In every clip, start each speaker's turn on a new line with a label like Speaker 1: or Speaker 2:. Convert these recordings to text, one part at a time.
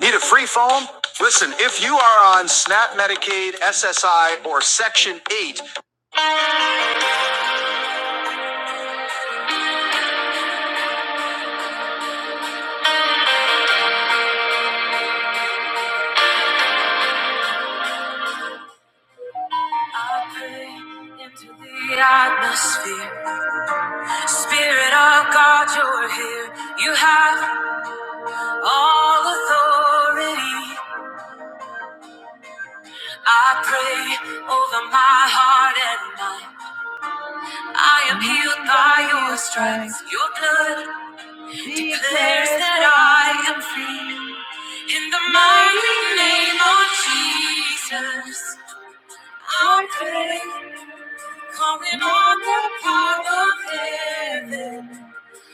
Speaker 1: Need a free phone? Listen, if you are on SNAP Medicaid, SSI, or Section 8, I pray into the atmosphere. Spirit of God, you're here. You have all authority. I pray over my heart and mind. I am healed by your stripes. Your blood declares that I am free. In the mighty name of Jesus. Our faith, calling on the power of heaven.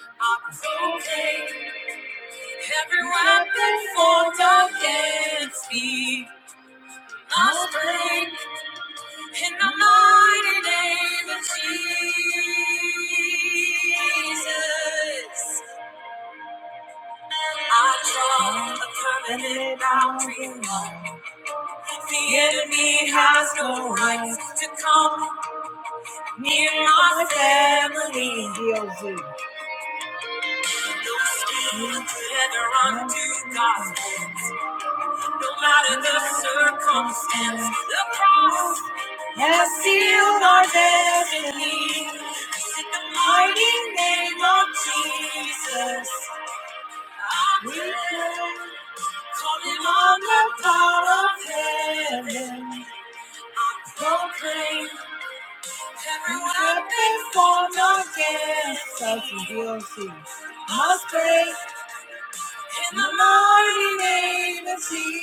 Speaker 1: Our faith, every weapon formed against me. Must break in the mighty name of Jesus. I draw a permanent boundary line. The enemy has no right to come near my family. Together unto God, no matter the circumstance, the cross has sealed our destiny. In the mighty name of Jesus, we pray, calling on the power of heaven. Proclaim every weapon formed against us, must break In the mighty name of Jesus.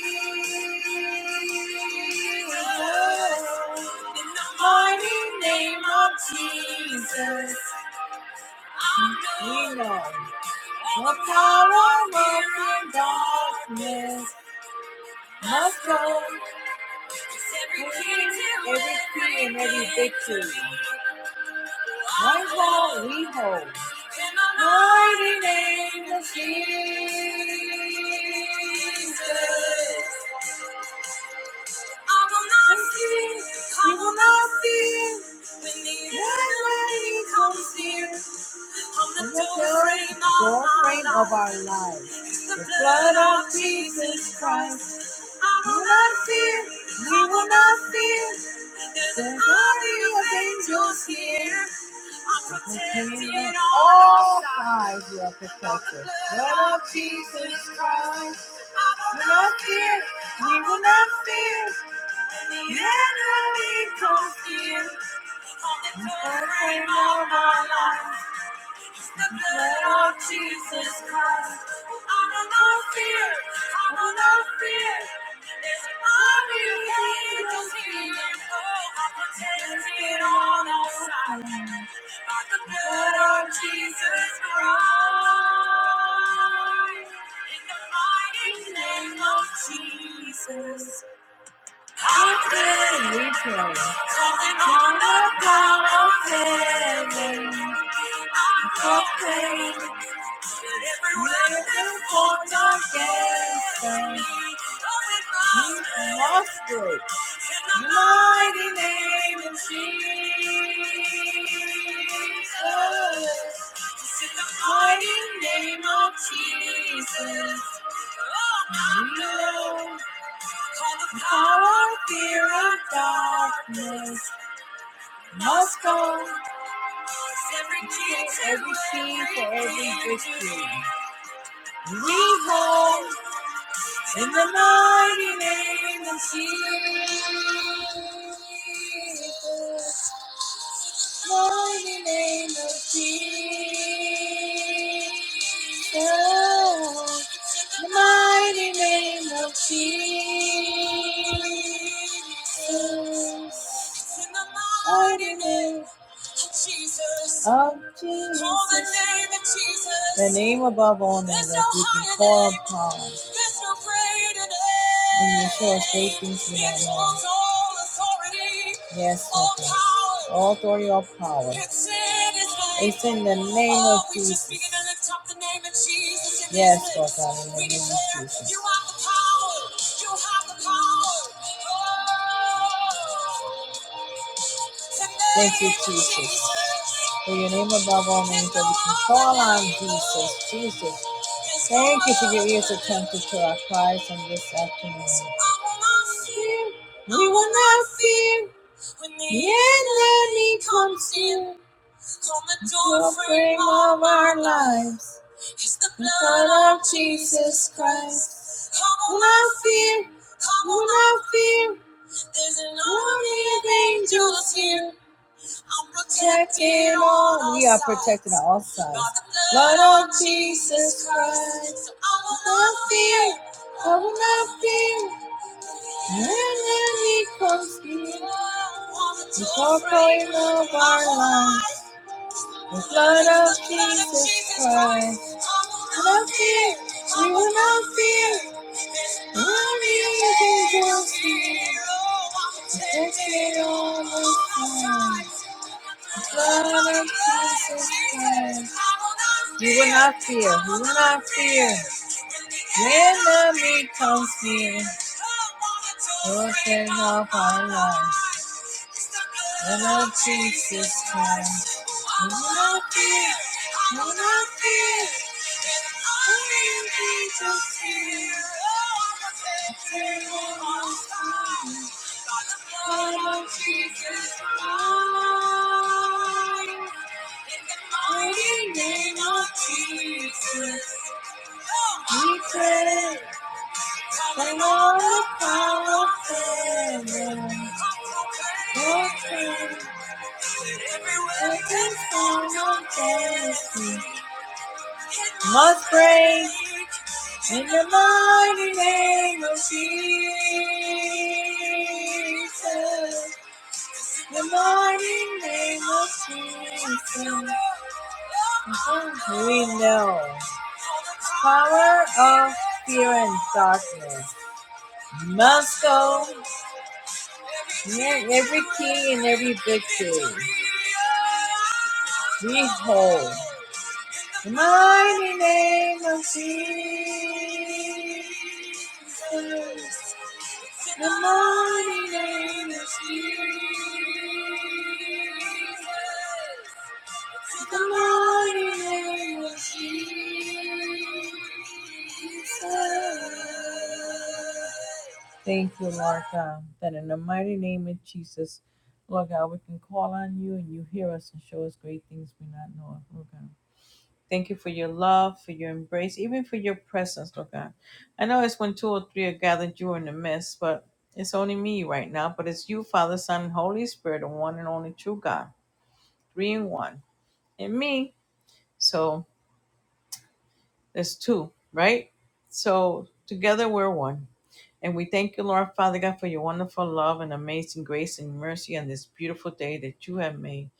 Speaker 1: In the mighty name of Jesus. We know the power working darkness must go. Every key and every victory. One hold, we hold. In the Mighty name of Jesus. I will not fear, I will not fear when the enemy comes near the doorframe doorframe of our lives. The blood of Jesus Christ. I will not fear, we will not fear. There's an army of angels here. I'm protected all sides. You are protected. Blood of Jesus Christ. I will not fear, we will not fear. The enemy comes near. On the doorframe of our lives. It's the blood of Jesus Christ. I know no fear, I know no fear. There's an army of angels here. Oh, I'm protected on all sides by the blood of Jesus Christ. In the mighty name of Jesus. Often we pray. Calling on the power of heaven. I proclaim that everyone that formed against us, you must break. In the mighty name of Jesus. Just in the mighty name of Jesus. You know. Call the power, fear of darkness must go. Every key, every key every victory. We hold in the mighty name of Jesus. Mighty name of Jesus. Mighty name of Jesus. Mighty name of Jesus. Oh, the name above all names that we can call upon. There's no And you show us great things in that name. Yes, all Lord. All authority, all power. It's in the name of Oh, Jesus. Yes, Lord God, in the name of Jesus. You have the power. You have the power. Oh. Thank you, Jesus. For your name above all names that we can call on Jesus. Jesus. Thank you for your ears attentive to our cries on this afternoon. We will not fear when the enemy comes in. On the doorframe of our lives is the blood of Jesus Christ. Come will not fear. Come will not fear. There's an army of angels here protected on We are protected on all sides. Blood of Jesus Christ. So I will not fear. I will not fear. When the enemy comes near, it's all going of our lives. The blood of Jesus Christ. No fear, we will not fear. Only angels fear. Take it all the time. The blood of Jesus Christ. You will not fear, you will not fear. When the enemy comes near, Lord, save our lives love Jesus Christ. No more fear. No more fear. Only in Jesus' fear. There will not be. Blood of Jesus Christ. In the mighty name of Jesus. we pray. I know it's all fair. Must pray in the mighty name of Jesus. The mighty name of Jesus. We know power of fear and darkness must go Yeah, every king and every victory. Behold, the mighty name of Jesus. The mighty name of Jesus. Thank you, Lord God, that in the mighty name of Jesus, Lord God, we can call on you and you hear us and show us great things we not know of, Lord God. Thank you for your love, for your embrace, even for your presence, Lord God. I know it's when two or three are gathered, you are in the midst, but it's only me right now. But it's you, Father, Son, and Holy Spirit, the one and only true God, three in one, and me. So there's two, right? So together we're one. And we thank you, Lord Father God, for your wonderful love and amazing grace and mercy on this beautiful day that you have made,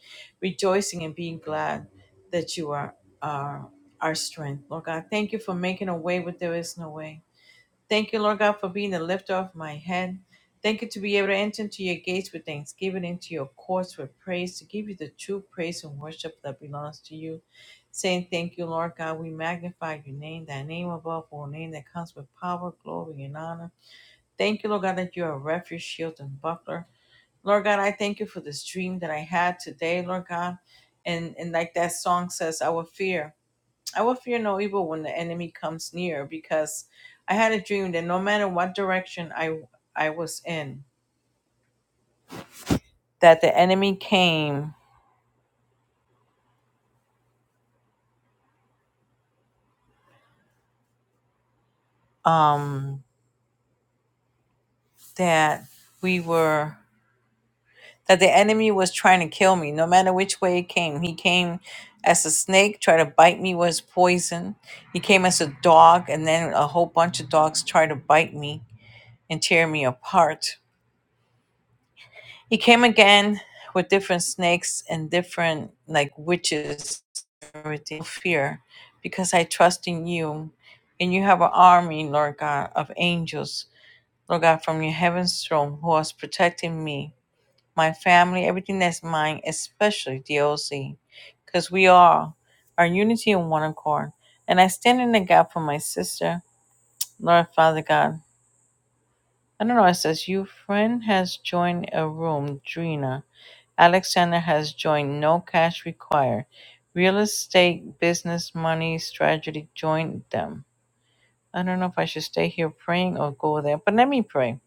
Speaker 1: rejoicing and being glad that you are our, our strength. Lord God, thank you for making a way where there is no way. Thank you, Lord God, for being the lifter of my head. Thank you to be able to enter into your gates with thanksgiving, into your courts with praise, to give you the true praise and worship that belongs to you. Saying thank you, Lord God, we magnify your name, that name above all name that comes with power, glory, and honor. Thank you, Lord God, that you are a refuge, shield, and buckler. Lord God, I thank you for this dream that I had today, Lord God. And and like that song says, I will fear. I will fear no evil when the enemy comes near, because I had a dream that no matter what direction I I was in, that the enemy came, um, that we were that the enemy was trying to kill me, no matter which way it came. He came as a snake, tried to bite me with his poison. He came as a dog, and then a whole bunch of dogs tried to bite me and tear me apart He came again with different snakes and different like witches, everything. No Fear, because I trust in you, and you have an army, Lord God, of angels, Lord God, from your heaven's throne, who is protecting me, my family, everything that's mine, especially DOC, because we all are unity and one accord. And I stand in the gap for my sister, Lord Father God. I don't know. It says, Your friend has joined a room, Drina. Alexander has joined No Cash Required, Real Estate Business Money Strategy joined them. I don't know if I should stay here praying or go there, but let me pray.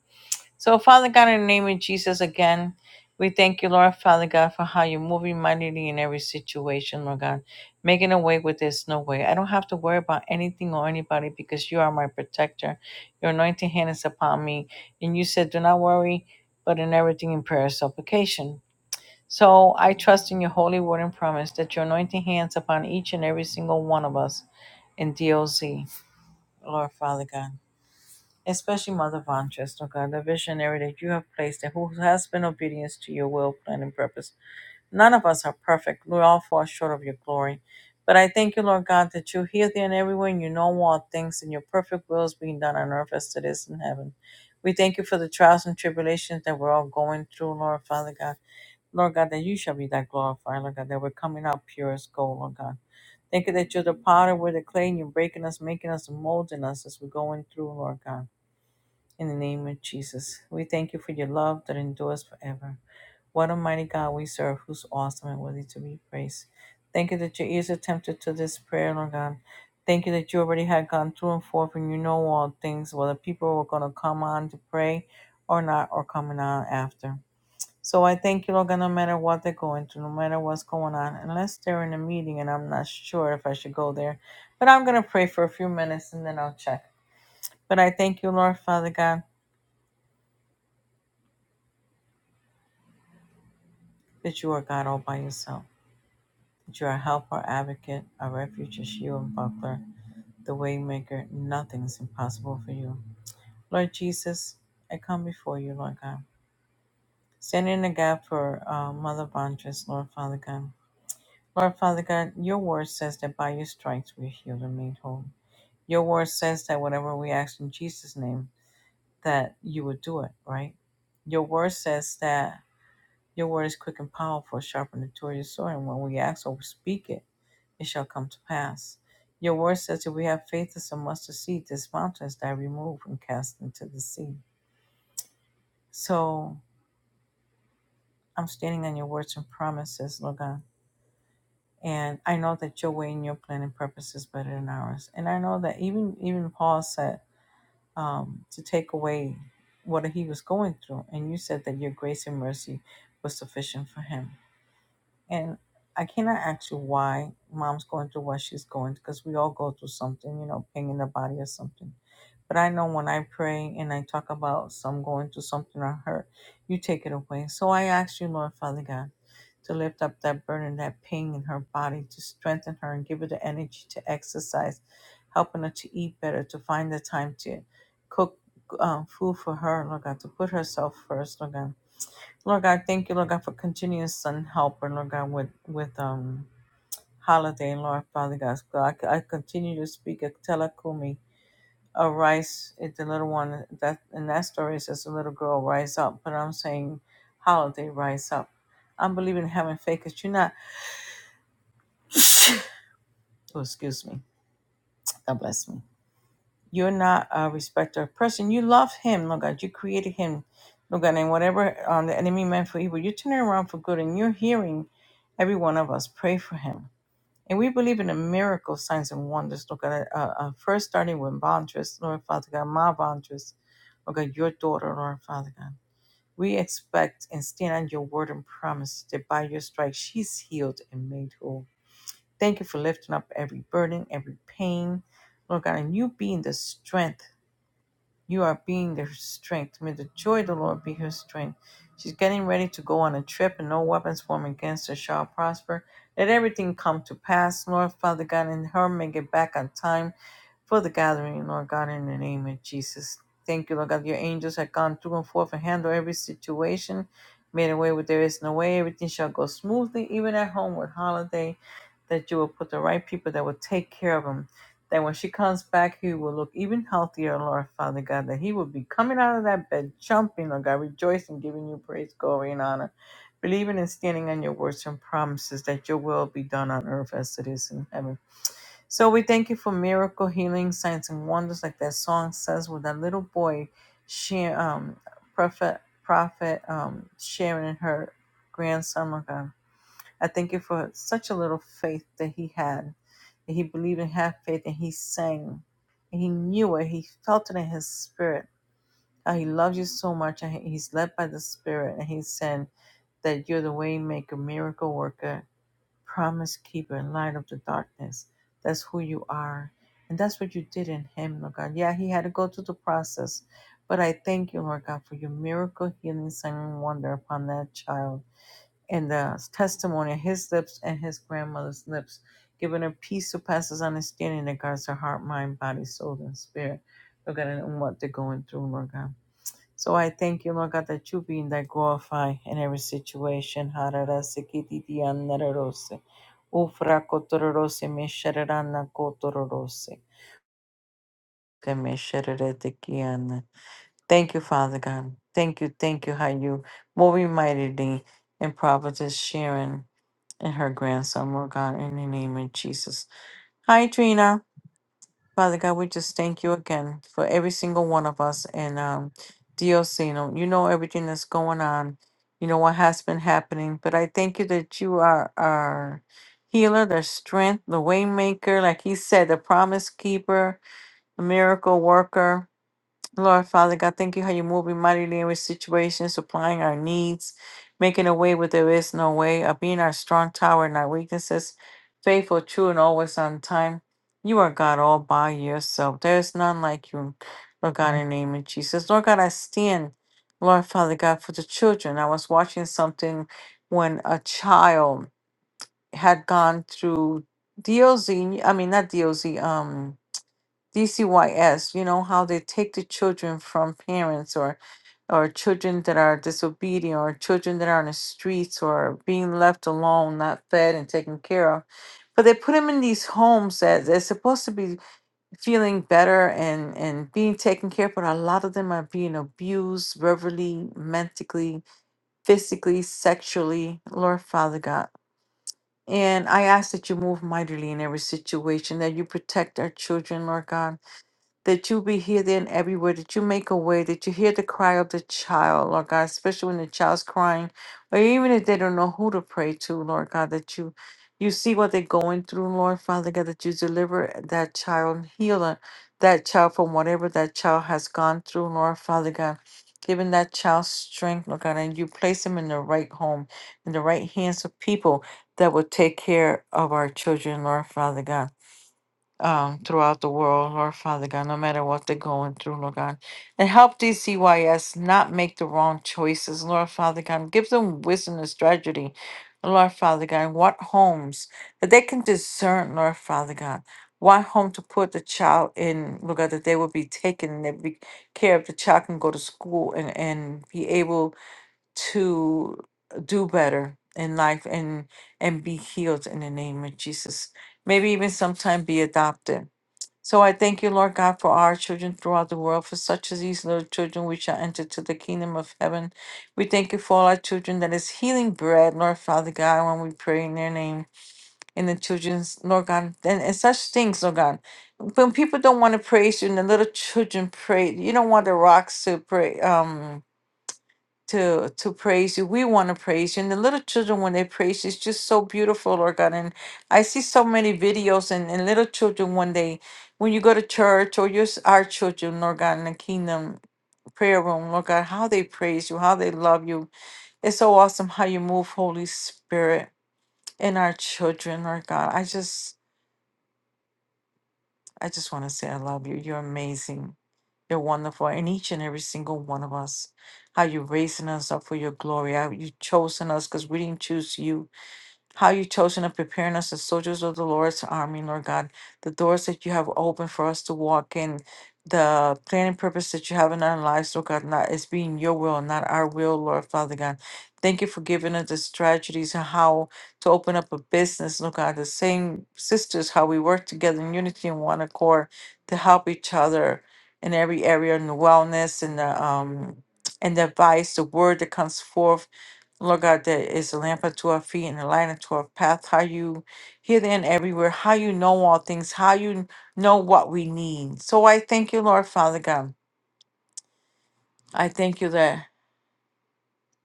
Speaker 1: So, Father God, in the name of Jesus, again, we thank you, Lord, Father God, for how you're moving mightily in every situation, Lord God, making a way where there's no way. I don't have to worry about anything or anybody because you are my protector. Your anointing hand is upon me. And you said, Do not worry, but in everything in prayer and supplication. So I trust in your holy word and promise that your anointing hands upon each and every single one of us in DOC, Lord Father God. Especially Mother Von Trist, oh God, the visionary that you have placed and who has been obedient to your will, plan, and purpose None of us are perfect. We all fall short of your glory. But I thank you, Lord God, that you hear thee and everywhere and you know all things and your perfect will is being done on earth as it is in heaven. We thank you for the trials and tribulations that we're all going through, Lord Father God. Lord God, that you shall be that glorified, Lord God, that we're coming out pure as gold, Lord God. Thank you that you're the potter, we're the clay, and you're breaking us, making us, and molding us as we're going through, Lord God in the name of Jesus. We thank you for your love that endures forever. What a mighty God we serve, who's awesome and worthy to be praised. Thank you that your ears are tempted to this prayer, Lord God. Thank you that you already had gone through and forth and you know all things, whether people were going to come on to pray or not, or coming on after. So I thank you, Lord God, no matter what they're going through, no matter what's going on, unless they're in a meeting and I'm not sure if I should go there. But I'm going to pray for a few minutes and then I'll check. But I thank you, Lord Father God. that you are God all by yourself, that you are a helper, advocate, a refuge, a shield, and buckler, the waymaker. Nothing is impossible for you. Lord Jesus, I come before you, Lord God. Stand in the gap for uh, Mother Bontress, Lord Father God. Lord Father God, your word says that by your stripes we are healed and made whole. Your word says that whatever we ask in Jesus' name, that you would do it, right? Your word says that your word is quick and powerful, sharper than a two-edged sword, and when we ask or we speak it, it shall come to pass. Your word says, if we have faith as a mustard seed, this mountain is thy removed and cast into the sea. So I'm standing on your words and promises, Lord God. And I know that your way and your plan and purpose is better than ours. And I know that even even Paul said um, to take away what he was going through. And you said that your grace and mercy was sufficient for him. And I cannot ask you why mom's going through what she's going because we all go through something, you know, pain in the body or something. But I know when I pray and I talk about some going through something or hurt, you take it away. So I ask you, Lord Father God, to lift up that burden, that pain in her body, to strengthen her and give her the energy to exercise, helping her to eat better, to find the time to cook um, food for her, Lord God, to put herself first, Lord God Lord God, thank you, Lord God, for continuous and help and Lord God with with um holiday and Lord Father God. So I, I continue to speak a telekumi. Arise it's the little one that in that story it says the little girl rise up, but I'm saying holiday rise up. I'm believing in having faith because you're not oh excuse me. God bless me. You're not a respecter of person. You love him, Lord God. You created him, Lord God, and whatever um, the enemy meant for evil, you turn it around for good and you're hearing every one of us pray for him. And we believe in the miracle signs and wonders, Lord God. Uh, uh, first, starting with Bontress, Lord Father God, my Bontress, Lord God, your daughter, Lord Father God. We expect and stand on your word and promise that by your stripes she's healed and made whole. Thank you for lifting up every burden, every pain, Lord God, and you being the strength you are being their strength. May the joy of the Lord be her strength. She's getting ready to go on a trip, and no weapons formed against her shall prosper. Let everything come to pass, Lord Father God, and her may get back on time for the gathering, Lord God, in the name of Jesus. Thank you, Lord God. Your angels have gone through and forth and handled every situation, made a way where there is no way. Everything shall go smoothly, even at home with holiday, that you will put the right people that will take care of them that when she comes back, he will look even healthier, Lord Father God, that he will be coming out of that bed, jumping, Lord God, rejoicing, giving you praise, glory, and honor, believing and standing on your words and promises that your will be done on earth as it is in heaven. So we thank you for miracle, healing, signs, and wonders, like that song says, with that little boy, she, um, prophet, prophet, um, Sharon and her grandson, Lord God. I thank you for such a little faith that he had. That he believed and had faith and he sang. And he knew it. He felt it in his spirit. How he loves you so much and he's led by the spirit. And he's saying that you're the way maker, miracle worker, promise keeper, light of the darkness. That's who you are. And that's what you did in him, Lord God. Yeah, he had to go through the process. But I thank you, Lord God, for your miracle, healing, sign, and wonder upon that child and the testimony of his lips and his grandmother's lips, giving her peace surpasses understanding that guards her heart, mind, body, soul, and spirit. Lord God, and what they're going through, Lord God. So I thank you, Lord God, that you being that glorify in every situation. Hararase kitidian nararose. Ufra kotororose meshararana kotororose. Kemesharare tekiana. Thank you, Father God. Thank you, thank you, how you moving mightily in Providence Sharon and her grandson, Lord God, in the name of Jesus. Hi, Trina. Father God, we just thank you again for every single one of us and um DOC. You know, you know everything that's going on. You know what has been happening. But I thank you that you are our healer, the strength, the waymaker, like he said, the promise keeper, the miracle worker Lord Father God, thank you how you move in mightily in every situation, supplying our needs, making a way where there is no way, of being our strong tower and our weaknesses, faithful, true, and always on time. You are God all by yourself. There is none like you, Lord God, in the name of Jesus. Lord God, I stand, Lord Father God, for the children. I was watching something when a child had gone through D.O.Z.I. I mean, not DOZ, DCYS, you know, how they take the children from parents or or children that are disobedient or children that are on the streets or being left alone, not fed and taken care of. But they put them in these homes that they're supposed to be feeling better and, and being taken care of, but a lot of them are being abused verbally, mentally, physically, sexually. Lord Father God. And I ask that you move mightily in every situation, that you protect our children, Lord God that you be here, there, and everywhere, that you make a way, that you hear the cry of the child, Lord God, especially when the child's crying, or even if they don't know who to pray to, Lord God, that you you see what they're going through, Lord Father God, that you deliver that child and heal her- that child from whatever that child has gone through, Lord Father God. Giving that child strength, Lord God, and you place them in the right home, in the right hands of people that will take care of our children, Lord Father God um, throughout the world, Lord Father God, no matter what they're going through, Lord God. And help these CYS not make the wrong choices, Lord Father God. Give them wisdom and strategy, Lord Father God, and what homes that they can discern, Lord Father God. What home to put the child in, Lord God, that they will be taken and they be care of the child can go to school and, and be able to do better in life and and be healed in the name of Jesus. Maybe even sometime be adopted. So I thank you, Lord God, for our children throughout the world. For such as these little children, we shall enter to the kingdom of heaven. We thank you for all our children that is healing bread, Lord Father God, when we pray in their name, in the children's, Lord God, and, and such things, Lord God. When people don't want to praise you and the little children pray, you don't want the rocks to pray. Um, to to praise you. We want to praise you. And the little children when they praise you, it's just so beautiful, Lord God. And I see so many videos and, and little children when they when you go to church or just our children, Lord God, in the kingdom prayer room, Lord God, how they praise you, how they love you. It's so awesome how you move, Holy Spirit, in our children, Lord God. I just I just want to say I love you. You're amazing. You're wonderful in each and every single one of us. How you're raising us up for your glory. How you've chosen us because we didn't choose you how you chosen and preparing us as soldiers of the Lord's army, Lord God. The doors that you have opened for us to walk in, the plan and purpose that you have in our lives, Lord God, not it's being your will, not our will, Lord Father God. Thank you for giving us the strategies and how to open up a business, Lord God. The same sisters, how we work together in unity and one accord to help each other in every area in the wellness and the um and the advice, the word that comes forth Lord God, that is a lamp unto our feet and a light unto our path. How you here, there, and everywhere. How you know all things. How you know what we need. So I thank you, Lord Father God. I thank you that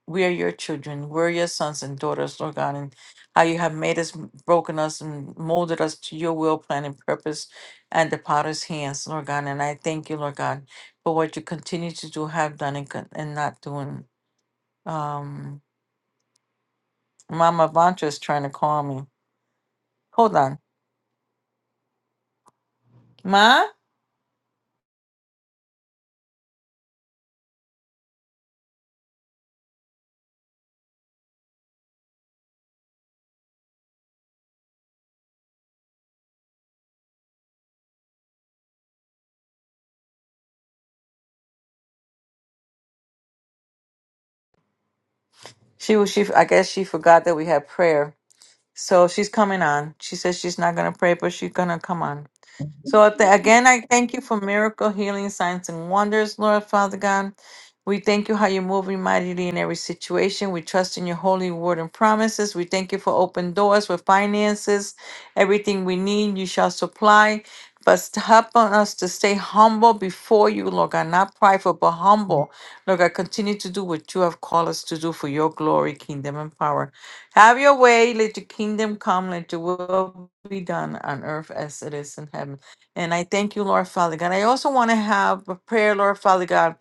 Speaker 1: we are your children. We're your sons and daughters, Lord God, and how you have made us, m- broken us, and molded us to your will, plan, and purpose, and the potter's hands, Lord God. And I thank you, Lord God, for what you continue to do, have done, and, con- and not doing. Um, Mama Vantra is trying to call me. Hold on. Ma, she was she. I guess she forgot that we had prayer, so she's coming on. She says she's not gonna pray, but she's gonna come on. So I tha- again, I thank you for miracle, healing, signs, and wonders, Lord Father God. We thank you how you're moving mightily in every situation. We trust in your holy word and promises. We thank you for open doors, for finances, everything we need, you shall supply. But st- help on us to stay humble before you, Lord God, not prideful, but humble. Lord God, continue to do what you have called us to do for your glory, kingdom, and power. Have your way. Let your kingdom come. Let your will be done on earth as it is in heaven. And I thank you, Lord Father God. I also want to have a prayer, Lord Father God,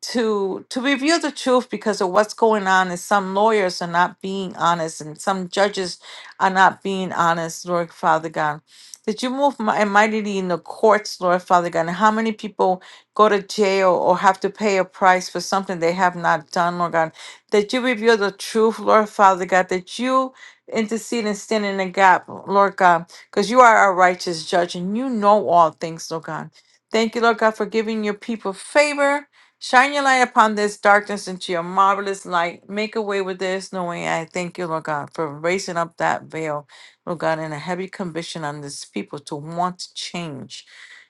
Speaker 1: to to reveal the truth because of what's going on and some lawyers are not being honest and some judges are not being honest lord father god that you move mi- and mightily in the courts lord father god and how many people go to jail or have to pay a price for something they have not done lord god that you reveal the truth lord father god that you intercede and stand in the gap lord god because you are a righteous judge and you know all things lord god thank you lord god for giving your people favor Shine your light upon this darkness into your marvelous light. Make a way with this. Knowing I thank you, Lord God, for raising up that veil, Lord God, and a heavy conviction on this people to want to change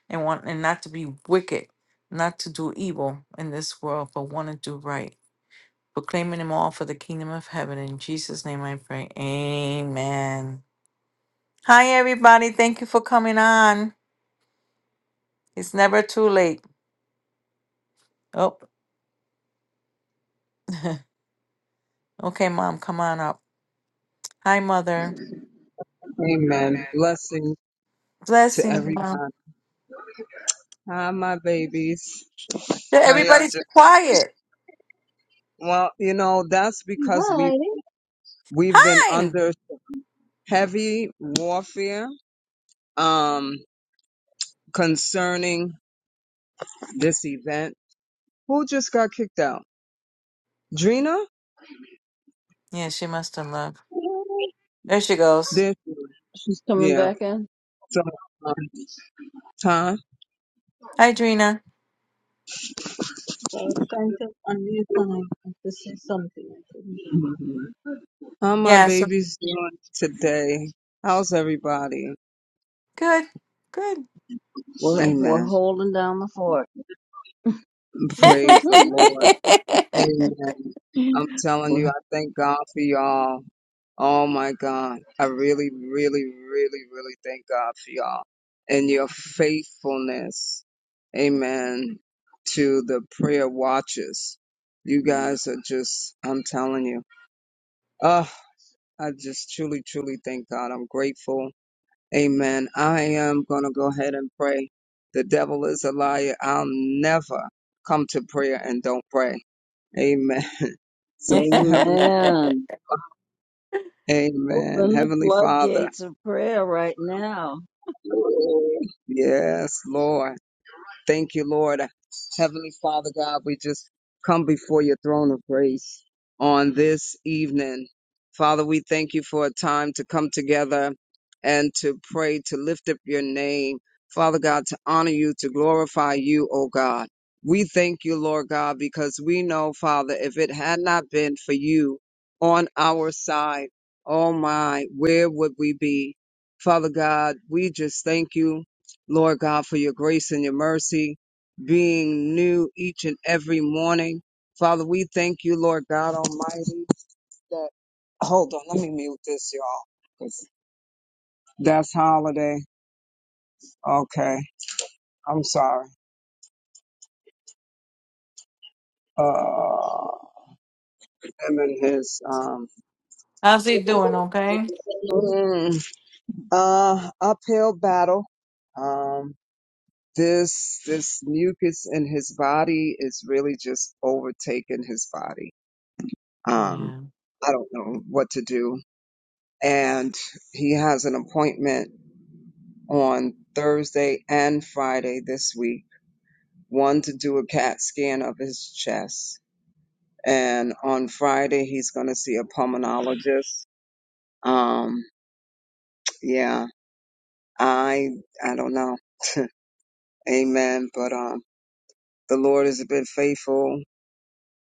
Speaker 1: and want and not to be wicked, not to do evil in this world, but want to do right. Proclaiming them all for the kingdom of heaven. In Jesus' name I pray. Amen. Hi everybody. Thank you for coming on. It's never too late. Oh, okay, mom, come on up. Hi, mother.
Speaker 2: Amen. Blessing to
Speaker 1: Blessings, mom.
Speaker 2: everyone. Hi, my babies.
Speaker 1: Yeah,
Speaker 2: How y'all
Speaker 1: Everybody's
Speaker 2: doing?
Speaker 1: quiet.
Speaker 2: Well, you know, that's because
Speaker 3: Hi.
Speaker 2: we we've been under
Speaker 1: Fine.
Speaker 2: heavy warfare um concerning this event. Who just got kicked out? Drina?
Speaker 1: Yeah, she must have left. There she goes.
Speaker 2: This
Speaker 3: She's coming
Speaker 2: yeah.
Speaker 3: back in.
Speaker 2: So um, time.
Speaker 1: Hi, Drina.
Speaker 4: So I was trying to unmute and I had to say something. I couldn't.
Speaker 2: How my
Speaker 1: Yeah, so
Speaker 2: babies doing today? How's everybody?
Speaker 1: good. Good.
Speaker 3: We're, we're
Speaker 2: Amen.
Speaker 3: holding down the fort.
Speaker 2: Praise the
Speaker 3: We're-
Speaker 2: Lord. Amen. I'm telling you, I thank God for y'all. Oh my God. I really, really, really, really thank God for y'all and your faithfulness. Amen. To the prayer watches. You guys are just, I'm telling you. Oh, I just truly, truly thank God. I'm grateful. Amen. I am going to go ahead and pray. The devil is a liar. I'll never come to prayer and don't pray. Amen. So, Heavenly
Speaker 3: Amen. Open
Speaker 2: Amen.
Speaker 3: the
Speaker 2: Heavenly Father.
Speaker 3: floodgates of prayer right now.
Speaker 2: Yes, Lord. Thank you, Lord. Heavenly Father God, we just come before your throne of grace on this evening. Father, we thank you for a time to come together and to pray, to lift up your name. Father God, to honor you, to glorify you, O God. We thank you, Lord God, because we know, Father, if it had not been for you on our side, oh my, where would we be? Father God, we just thank you Lord God, for your grace and your mercy being new each and every morning. Father, we thank you, Lord God Almighty, that hold on, let me mute this, y'all. 'cause That's holiday. Okay. I'm sorry. Uh him and his um
Speaker 1: How's he doing? Okay.
Speaker 2: mm, uh uphill battle. Um this this mucus in his body is really just overtaking his body Um,
Speaker 1: Yeah.
Speaker 2: I don't know what to do. And he has an appointment on Thursday and Friday this week, one to do a CAT scan of his chest. And on Friday, he's going to see a pulmonologist. Um, yeah, I, I don't know. Amen. But, um, the Lord has been faithful.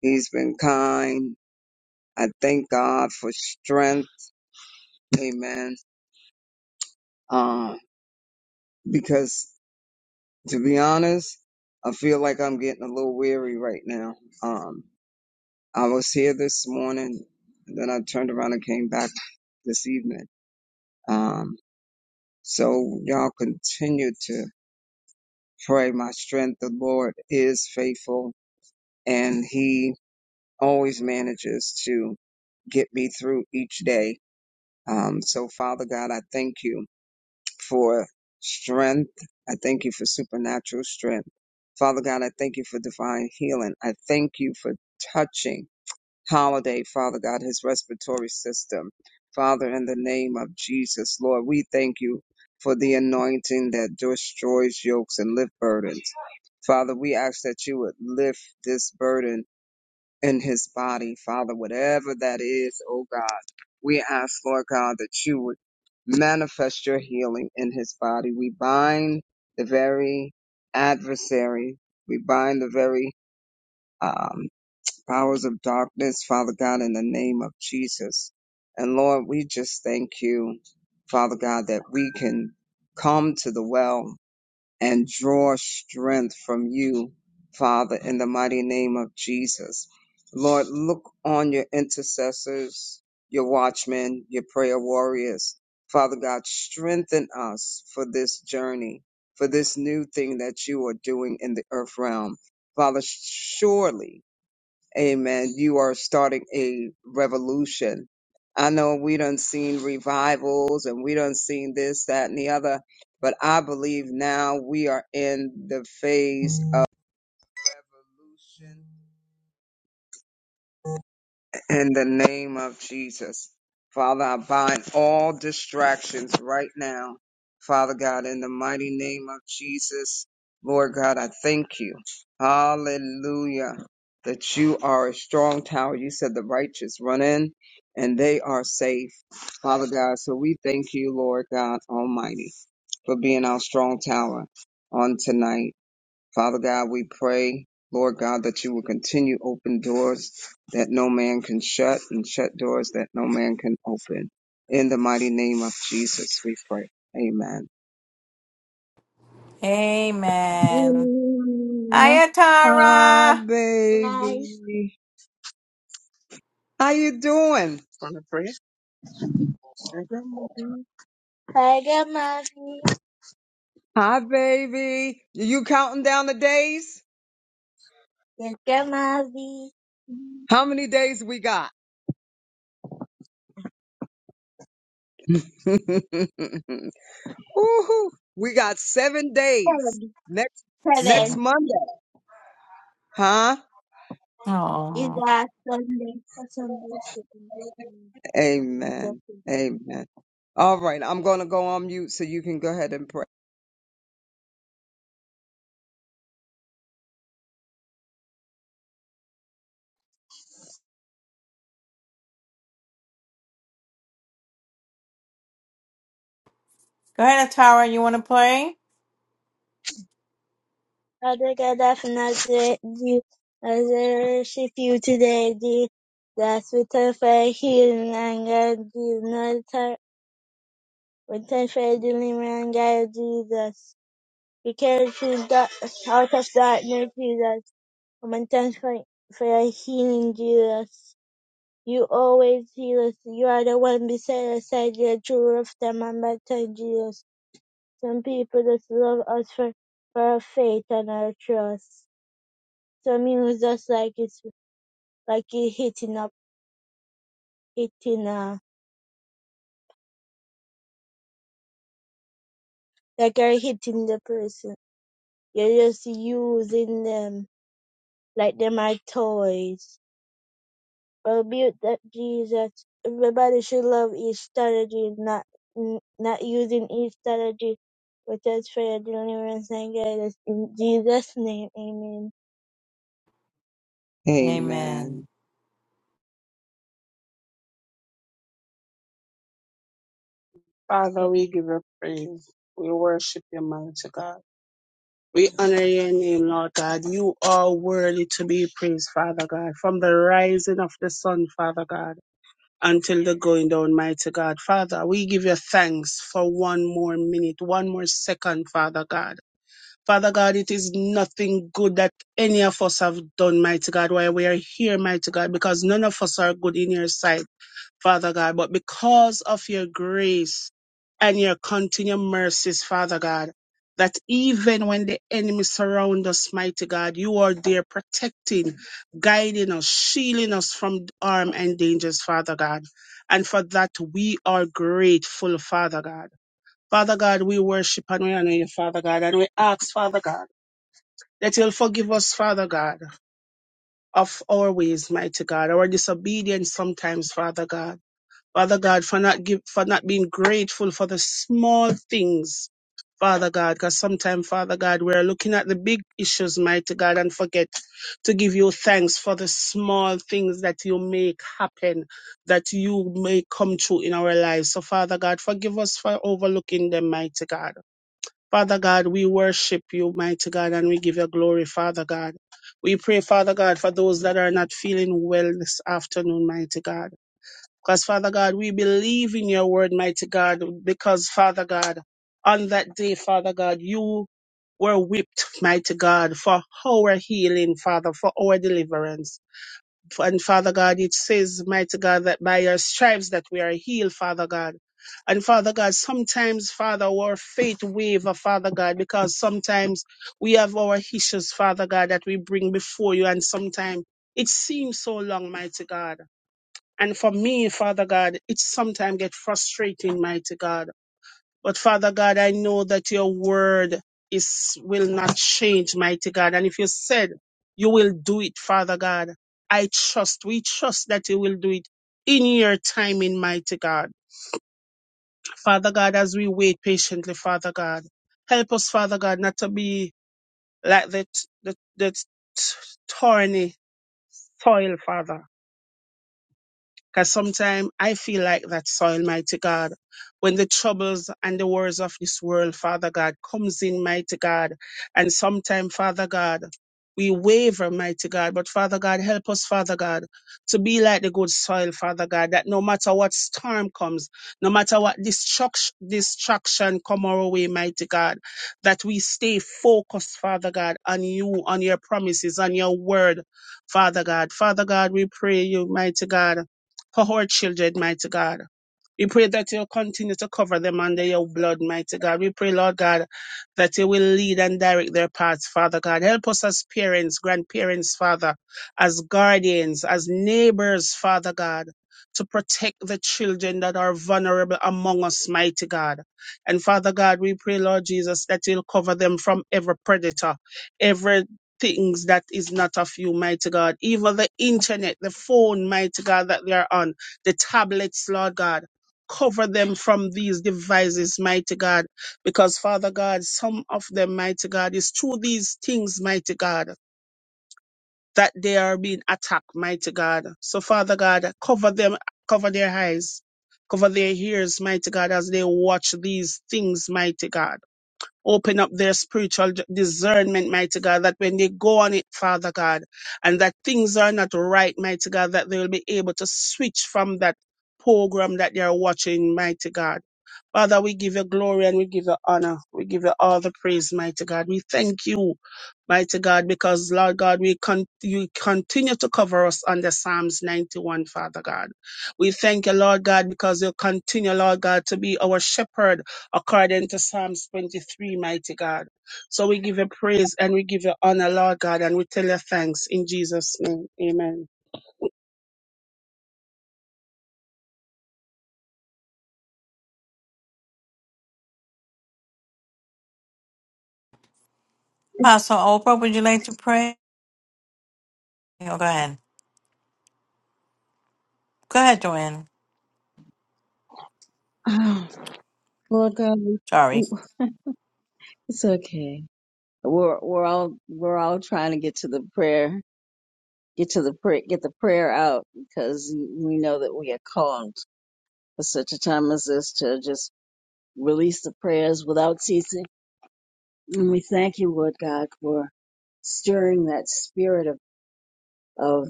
Speaker 2: He's been kind. I thank God for strength. Amen. Um, because To be honest, I feel like I'm getting a little weary right now. Um, I was here this morning, then I turned around and came back this evening. Um, so y'all continue to pray. My strength, the Lord is faithful and he always manages to get me through each day. Um, so Father God, I thank you for strength. I thank you for supernatural strength. Father God, I thank you for divine healing. I thank you for touching Holiday, Father God, his respiratory system. Father, in the name of Jesus, Lord, we thank you for the anointing that destroys yokes and lift burdens. Father, we ask that you would lift this burden in his body, Father, whatever that is, oh God. We ask, Lord God, that you would manifest your healing in his body. We bind the very adversary, we bind the very um, powers of darkness, Father God, in the name of Jesus. And Lord, we just thank you, Father God, that we can come to the well and draw strength from you, Father, in the mighty name of Jesus. Lord, look on your intercessors, your watchmen, your prayer warriors. Father God, strengthen us for this journey, for this new thing that you are doing in the earth realm. Father, surely Amen. You are starting a revolution. I know we done seen revivals and we done seen this, that, and the other, but I believe now we are in the phase of revolution. In the name of Jesus. Father, I bind all distractions right now. Father God, in the mighty name of Jesus, Lord God, I thank you. Hallelujah. That you are a strong tower. You said the righteous run in and they are safe. Father God, so we thank you, Lord God Almighty, for being our strong tower on tonight. Father God, we pray, Lord God, that you will continue open doors that no man can shut and shut doors that no man can open. In the mighty name of Jesus, we pray. Amen.
Speaker 1: Amen.
Speaker 5: No.
Speaker 1: Hiya,
Speaker 2: Hi,
Speaker 1: Tara.
Speaker 5: Want
Speaker 2: baby. How you doing?
Speaker 5: to pray? Tagamavi. Tagamavi.
Speaker 2: Hi, baby. You counting down the days?
Speaker 5: Tagamavi.
Speaker 2: How many days we got? Woohoo. We got seven days.
Speaker 5: Seven.
Speaker 2: Next next
Speaker 1: Seven.
Speaker 5: Seven
Speaker 2: Monday. Huh?
Speaker 5: is
Speaker 1: Oh.
Speaker 5: a Sunday. A Sunday second.
Speaker 2: Amen. Amen. All right. I'm going to go on mute so you can go ahead and pray.
Speaker 1: Go ahead, Tara. You want to pray?
Speaker 5: Father God, I thank you as I worship you today, dear. That we turn for healing and God, Jesus. Not turn, we turn for deliverance and God, Jesus. We carry through dark, out of darkness, Jesus. Momentum for, for healing Jesus. You always heal us. You are the one beside us, said the true of the momentum, Jesus. Some people just love us for, for our faith and our trust. Some use us like it's like you're hitting up, hitting uh, like you're hitting the person. You're just using them like them are toys. Well, mute that Jesus. Everybody should love each strategy, not n- not using each strategy with us for your deliverance and guidance. In Jesus' name, amen.
Speaker 1: Amen.
Speaker 2: Amen.
Speaker 5: Father, we give you praise. We worship you, mighty God. We honor your name, Lord God. You are worthy to be praised, Father God, from the rising of the sun, Father God, until the going down, mighty God. Father, we give you thanks for one more minute, one more second, Father God. Father God, it is nothing good that any of us have done, mighty God, while we are here, mighty God, because none of us are good in your sight, Father God. But because of your grace and your continued mercies, Father God, that even when the enemy surround us, mighty God, you are there protecting, guiding us, shielding us from harm and dangers, Father God. And for that, we are grateful, Father God. Father God, we worship and we honor you, Father God, and we ask, Father God that you'll forgive us, Father God, of our ways, mighty God, our disobedience sometimes, Father God. Father God, for not give, for not being grateful for the small things, Father God, because sometimes, Father God, we're looking at the big issues, mighty God, and forget to give you thanks for the small things that you make happen, that you may come true in our lives. So, Father God, forgive us for overlooking them, mighty God. Father God, we worship you, mighty God, and we give you glory, Father God. We pray, Father God, for those that are not feeling well this afternoon, mighty God. Because, Father God, we believe in your word, mighty God, because, Father God, on that day, Father God, you were whipped, mighty God, for our healing, Father, for our deliverance. And Father God, it says, mighty God, that by your stripes that we are healed, Father God. And Father God, sometimes, Father, our faith waver, Father God, because sometimes we have our issues, Father God, that we bring before you. And sometimes it seems so long, mighty God. And for me, Father God, it sometimes get frustrating, mighty God. But Father God, I know that your word is will not change, mighty God. And if you said you will do it, Father God, I trust, we trust that you will do it in your timing, mighty God. Father God, as we wait patiently, Father God, help us, Father God, not to be like that, that, that thorny soil, Father Because sometimes I feel like that soil, mighty God. When the troubles and the wars of this world, Father God, comes in, mighty God. And sometimes, Father God, we waver, mighty God. But Father God, help us, Father God, to be like the good soil, Father God, that no matter what storm comes, no matter what destruction, destruction come our way, mighty God, that we stay focused, Father God, on you, on your promises, on your word, Father God. Father God, we pray you, mighty God for our children, mighty God. We pray that you'll continue to cover them under your blood, mighty God. We pray, Lord God, that you will lead and direct their paths, Father God. Help us as parents, grandparents, Father, as guardians, as neighbors, Father God, to protect the children that are vulnerable among us, mighty God. And Father God, we pray, Lord Jesus, that you'll cover them from every predator, every things that is not of you, mighty God. Even the internet, the phone, mighty God, that they are on, the tablets, Lord God. Cover them from these devices, mighty God. Because, Father God, some of them, mighty God, is through these things, mighty God, that they are being attacked, mighty God. So, Father God, cover them, cover their eyes, cover their ears, mighty God, as they watch these things, mighty God. Open up their spiritual d- discernment, mighty God, that when they go on it, Father God, and that things are not right, mighty God, that they will be able to switch from that program that they are watching, mighty God Father, we give you glory and we give you honor. We give you all the praise, mighty God. We thank you, mighty God, because Lord God, we con- you continue to cover us under Psalms 91, Father God. We thank you, Lord God, because you continue, Lord God, to be our shepherd according to Psalms 23, mighty God. So we give you praise and we give you honor, Lord God, and we tell you thanks in Jesus' name. Amen.
Speaker 1: Apostle Oprah, would you like to pray? Oh, go ahead. Go ahead, Joanne.
Speaker 3: Oh, Lord God,
Speaker 1: Sorry.
Speaker 3: we- it's okay. We're we're all we're all trying to get to the prayer, get to the prayer, get the prayer out because we know that we are called for such a time as this to just release the prayers without ceasing And we thank you, Lord God, for stirring that spirit of, of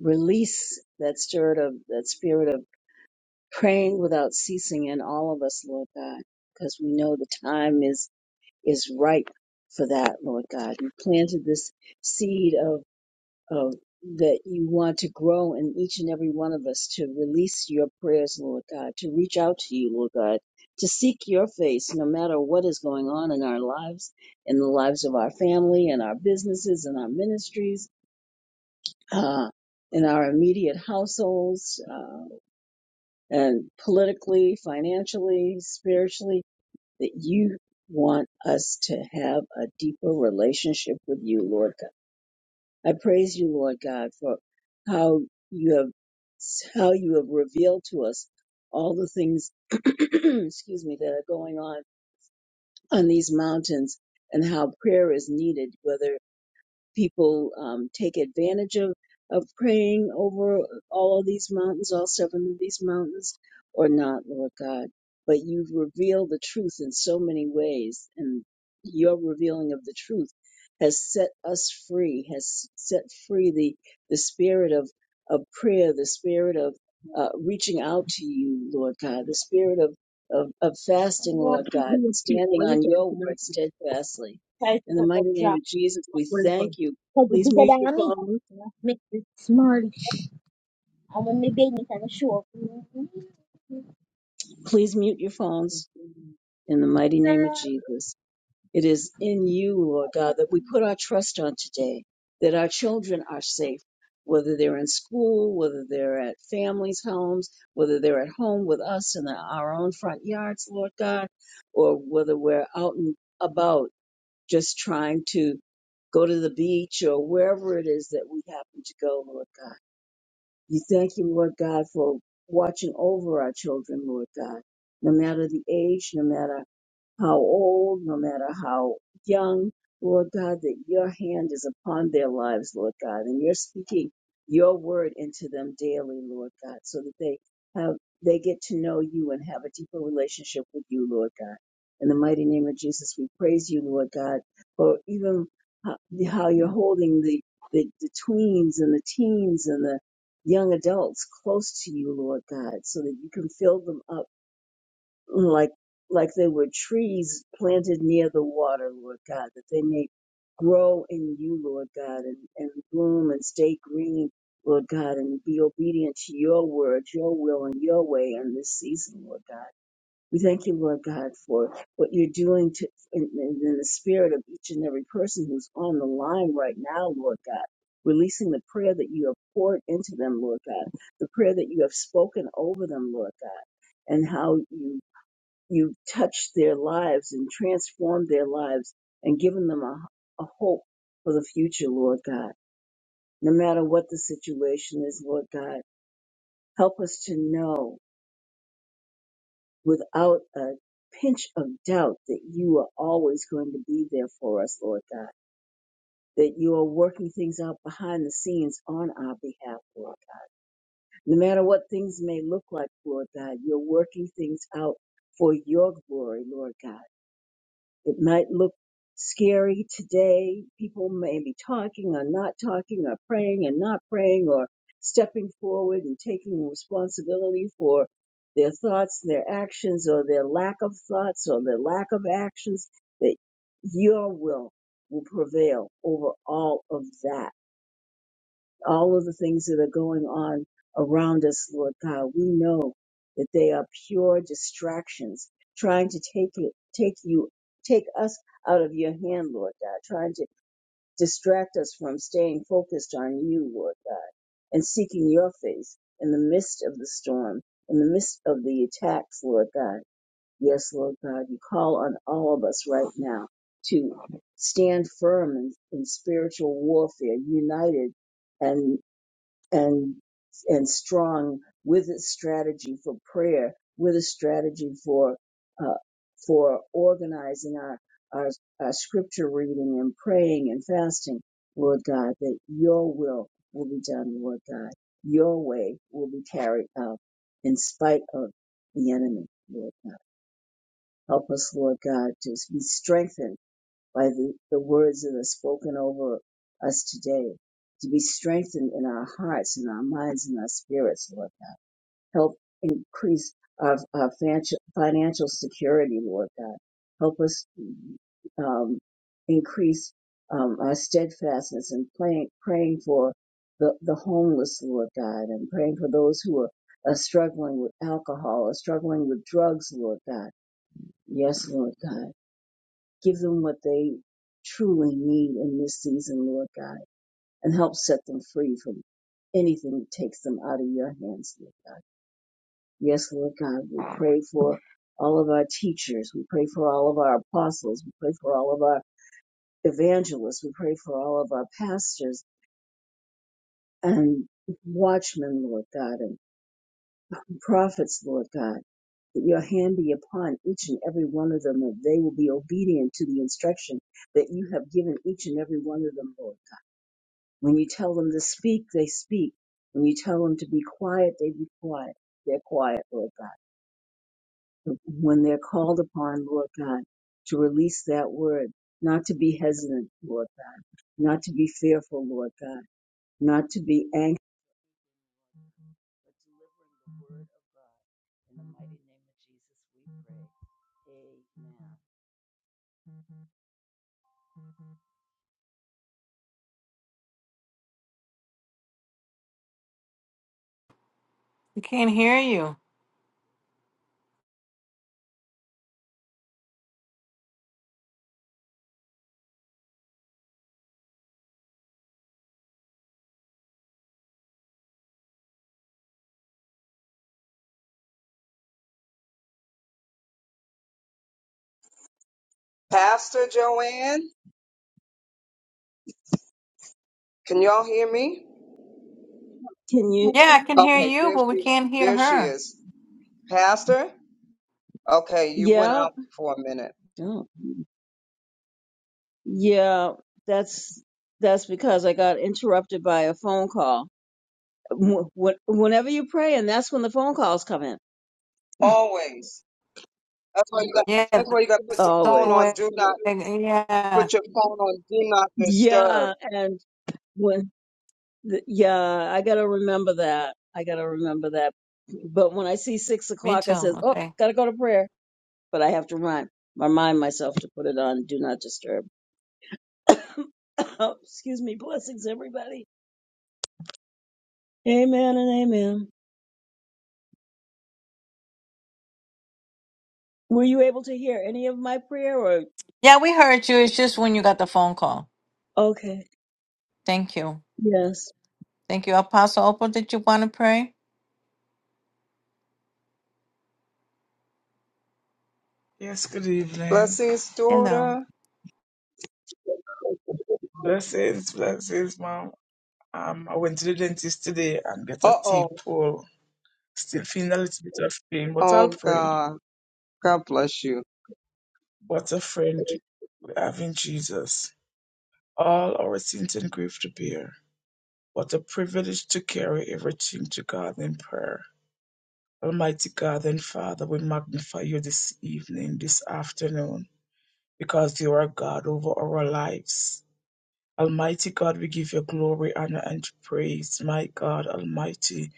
Speaker 3: release, that spirit of that spirit of praying without ceasing in all of us, Lord God, because we know the time is is ripe for that, Lord God. You planted this seed of. Oh, that you want to grow in each and every one of us to release your prayers, Lord God, to reach out to you, Lord God, to seek your face no matter what is going on in our lives, in the lives of our family and our businesses and our ministries, uh, in our immediate households, uh, and politically, financially, spiritually, that you want us to have a deeper relationship with you, Lord God. I praise you, Lord God, for how you have how you have revealed to us all the things, excuse me, that are going on on these mountains and how prayer is needed, whether people um, take advantage of of praying over all of these mountains, all seven of these mountains, or not, Lord God. But you reveal the truth in so many ways, and your revealing of the truth has set us free, has set free the the spirit of of prayer, the spirit of uh, reaching out to you, Lord God, the spirit of, of of fasting, Lord God, and standing on your word steadfastly
Speaker 5: Try to take
Speaker 3: in the
Speaker 5: a
Speaker 3: mighty name
Speaker 5: job
Speaker 3: of Jesus, we
Speaker 5: Well
Speaker 3: thank
Speaker 5: done.
Speaker 3: you.
Speaker 5: 'Cause
Speaker 3: Please
Speaker 5: you're
Speaker 3: mute your
Speaker 5: bigger than me.
Speaker 3: phones.
Speaker 5: Make this small. I'm gonna be eating some soup.
Speaker 3: Please mute your phones in the mighty name of Jesus. It is in you, Lord God, that we put our trust on today, that our children are safe, whether they're in school, whether they're at families' homes, whether they're at home with us in our own front yards, Lord God, or whether we're out and about just trying to go to the beach or wherever it is that we happen to go, Lord God. We thank you, Lord God, for watching over our children, Lord God, no matter the age, no matter how old, no matter how young, Lord God, that your hand is upon their lives, Lord God, and you're speaking your word into them daily, Lord God, so that they have they get to know you and have a deeper relationship with you, Lord God. In the mighty name of Jesus, we praise you, Lord God, for even how how you're holding the, the, the tweens and the teens and the young adults close to you, Lord God, so that you can fill them up like like they were trees planted near the water, Lord God, that they may grow in you, Lord God, and, and bloom and stay green, Lord God, and be obedient to your word, your will, and your way in this season, Lord God. We thank you, Lord God, for what you're doing to, in, in in the spirit of each and every person who's on the line right now, Lord God. Releasing the prayer that you have poured into them, Lord God, the prayer that you have spoken over them, Lord God and how you you've touched their lives and transformed their lives and given them a, a hope for the future, Lord God. No matter what the situation is, Lord God, help us to know without a pinch of doubt that you are always going to be there for us, Lord God. That you are working things out behind the scenes on our behalf, Lord God. No matter what things may look like, Lord God, you're working things out for your glory, Lord God It might look scary today. People may be talking or not talking or praying and not praying or stepping forward and taking responsibility for their thoughts, their actions, or their lack of thoughts or their lack of actions, that your will will prevail over all of that all of the things that are going on around us, Lord God. We know that they are pure distractions, trying to take it, take you, take us out of your hand, Lord God, trying to distract us from staying focused on you, Lord God, and seeking your face in the midst of the storm, in the midst of the attacks, Lord God. Yes, Lord God, you call on all of us right now to stand firm in, in spiritual warfare, united and and and strong with its strategy for prayer, with a strategy for uh, for organizing our, our our scripture reading and praying and fasting, Lord God, that Your will will be done, Lord God. Your way will be carried out in spite of the enemy, Lord God. Help us, Lord God, to be strengthened by the, the words that are spoken over us today, to be strengthened in our hearts and our minds and our spirits, Lord God. Help increase our, our financial, financial security, Lord God. Help us um, increase um, our steadfastness in praying, praying for the, the homeless, Lord God, and praying for those who are, are struggling with alcohol or struggling with drugs, Lord God. Yes, Lord God. Give them what they truly need in this season, Lord God, and help set them free from anything that takes them out of your hands, Lord God. Yes, Lord God, we pray for all of our teachers. We pray for all of our apostles. We pray for all of our evangelists. We pray for all of our pastors and watchmen, Lord God, and prophets, Lord God, that your hand be upon each and every one of them, that they will be obedient to the instruction that you have given each and every one of them, Lord. When you tell them to speak, they speak. When you tell them to be quiet, they be quiet. They're quiet, Lord God. When they're called upon, Lord God, to release that word, not to be hesitant, Lord God, not to be fearful, Lord God, not to be anxious, but delivering the word of God. In the mighty name of Jesus, we pray. Amen.
Speaker 1: We can't hear you.
Speaker 2: Pastor Joanne, can y'all hear me?
Speaker 3: Can you?
Speaker 1: Yeah, I can hear
Speaker 2: Okay.
Speaker 1: you,
Speaker 2: There
Speaker 1: but we
Speaker 2: she,
Speaker 1: can't hear
Speaker 2: there she
Speaker 1: her.
Speaker 2: is. Pastor? Okay. You went
Speaker 3: Yeah.
Speaker 2: out for a minute.
Speaker 3: Oh, yeah. That's that's because I got interrupted by a phone call. wh- wh- whenever you pray, and that's when the phone calls come in.
Speaker 2: Always. That's why you got,
Speaker 1: Yeah,
Speaker 2: that's why you got to put
Speaker 1: that's
Speaker 2: your
Speaker 1: the
Speaker 2: phone
Speaker 3: Always.
Speaker 2: on.
Speaker 1: way.
Speaker 2: Do not
Speaker 1: Yeah,
Speaker 2: put your phone on. Do not disturb.
Speaker 3: Yeah, and when th- yeah, I gotta remember that. I gotta remember that. But when I see six
Speaker 1: me
Speaker 3: o'clock,
Speaker 1: too.
Speaker 3: I says, "Oh,
Speaker 1: Okay.
Speaker 3: gotta go to prayer," but I have to remind remind myself to put it on do not disturb. Excuse me. Blessings, everybody. Amen and amen. Were you able to hear any of my prayer? Or
Speaker 1: Yeah, we heard you. It's just when you got the phone call.
Speaker 3: okay,
Speaker 1: Thank you.
Speaker 3: yes.
Speaker 1: Thank you. Apostle Opal, did you want to pray?
Speaker 6: Yes, good evening.
Speaker 2: Blessings,
Speaker 1: Hello.
Speaker 2: daughter.
Speaker 6: Blessings, blessings, ma'am. Um, I went to the dentist today and got a
Speaker 2: Uh oh.
Speaker 6: teeth pull. Still feeling a little bit of pain, but I'll
Speaker 2: Oh
Speaker 6: pray.
Speaker 2: God. God bless you.
Speaker 6: What a friend we have in Jesus. All our sins and grief to bear. What a privilege to carry everything to God in prayer. Almighty God and Father, we magnify you this evening, this afternoon, because you are God over our lives. Almighty God, we give you glory, honor, and praise. My God, Almighty,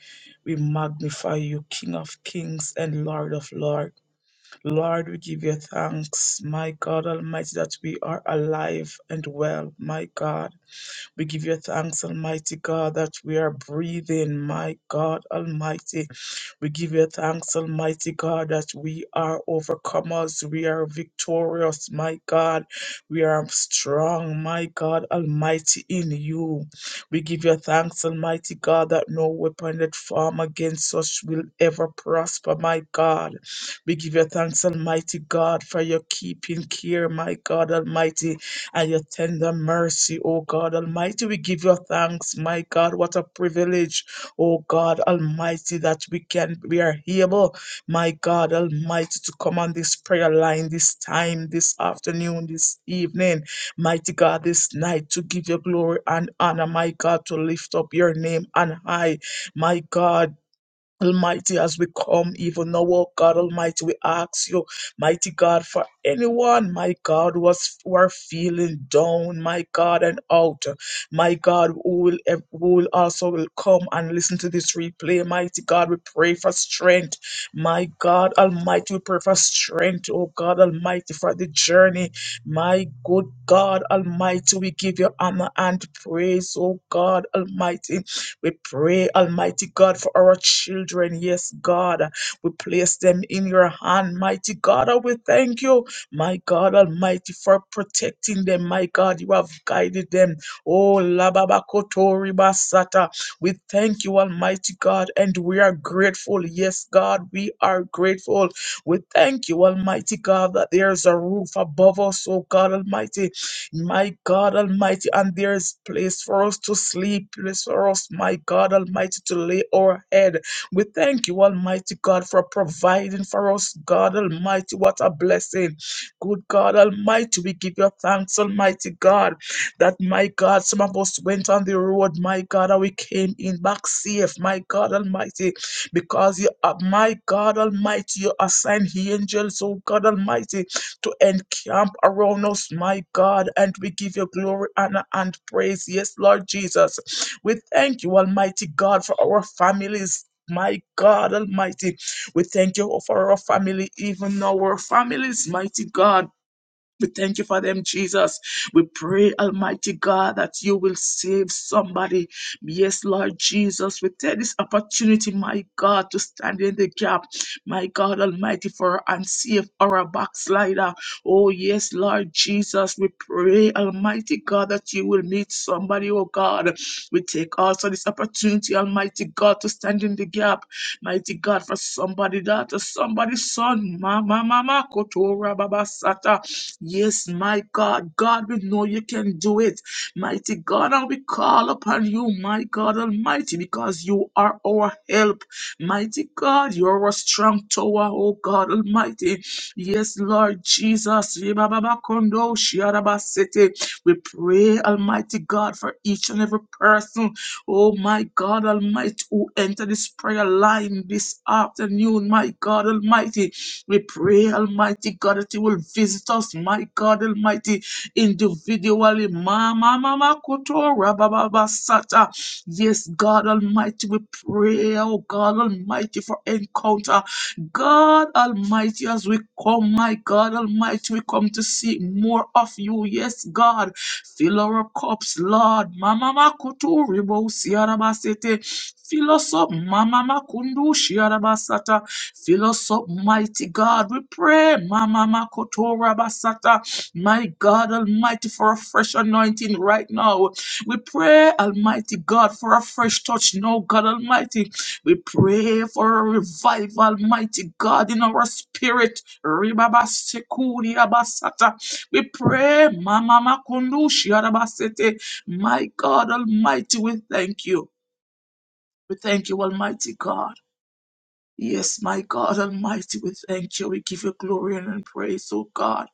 Speaker 6: we magnify you, King of kings and Lord of lords. Lord, we give you thanks, my God Almighty, that we are alive and well, my God. We give you thanks, Almighty God, that we are breathing, my God Almighty. We give you thanks, Almighty God, that we are overcomers. We are victorious, my God. We are strong, my God Almighty, in you. We give you thanks, Almighty God, that no weapon that form against us will ever prosper, my God. We give you thanks, Almighty God, for your keeping care, my God Almighty, and your tender mercy, O God Almighty. We give you thanks, my God. What a privilege Oh God Almighty, that we can we are able, my God Almighty, to come on this prayer line this time, this afternoon, this evening, mighty God, this night to give you glory and honor, my God, to lift up your name on high, my God. Almighty, as we come even now, oh God Almighty, we ask you, mighty God, for anyone, my God, who was who are feeling down, my God, and out, my God, who will ev- who will also will come and listen to this replay, mighty God, we pray for strength, my God Almighty, we pray for strength, oh God Almighty, for the journey, my good God Almighty, we give you honor and praise, oh God Almighty. We pray, Almighty God, for our children. Yes, God, we place them in your hand, mighty God. We thank you, my God Almighty, for protecting them. My God, you have guided them. Oh, Lababakotori Basata. We thank you, Almighty God, and we are grateful. Yes, God, we are grateful. We thank you, Almighty God, that there's a roof above us, oh God Almighty my God Almighty, and there is place for us to sleep, place for us, my God Almighty, to lay our head. We thank you, Almighty God, for providing for us, God Almighty. What a blessing. Good God Almighty, we give you thanks, Almighty God, that my God, some of us went on the road, my God, and we came in back safe, my God Almighty, because you are, my God Almighty, you assign angels, oh God Almighty, to encamp around us, my God, and we give you glory, honor, and praise. Yes, Lord Jesus. We thank you, Almighty God, for our families. My God Almighty, we thank you for our family, even our families, mighty God. We thank you for them, Jesus. We pray, Almighty God, that you will save somebody. Yes, Lord Jesus, we take this opportunity, my God, to stand in the gap, my God Almighty, for and save our backslider. Oh, yes, Lord Jesus, we pray, Almighty God, that you will meet somebody, oh God. We take also this opportunity, Almighty God, to stand in the gap, mighty God, for somebody, daughter, somebody's son, mama, mama, kotora, baba, sata. Yes, my God. God, we know you can do it. Mighty God, and we call upon you, my God Almighty, because you are our help. Mighty God, you are a strong tower, oh God Almighty. Yes, Lord Jesus. Yebababakondo shiarabasete. We pray, Almighty God, for each and every person, oh my God Almighty, who entered this prayer line this afternoon, my God Almighty. We pray, Almighty God, that you will visit us, my God Almighty, individually. Ma, ma, ma, ma, kuto, ra, ba, ba, ba, sata. Yes, God Almighty, we pray, oh God Almighty, for encounter. God Almighty, as we come, my God Almighty, we come to see more of you. Yes, God, fill our cups, Lord. Mama makutu ribo siarabasete. Fill us up, Mama makundu siarabasata. Fill us up, mighty God. We pray, Mama Makotora Basata, my God Almighty, for a fresh anointing right now. We pray, Almighty God, for a fresh touch. No, God Almighty. We pray for a revival, Almighty God, in our spirit. Ribaba Abasata. We pray, Mama Makundushi Arabasete. My God Almighty, we thank you. We thank you, Almighty God. Yes, my God Almighty, we thank you. We give you glory and praise, oh God.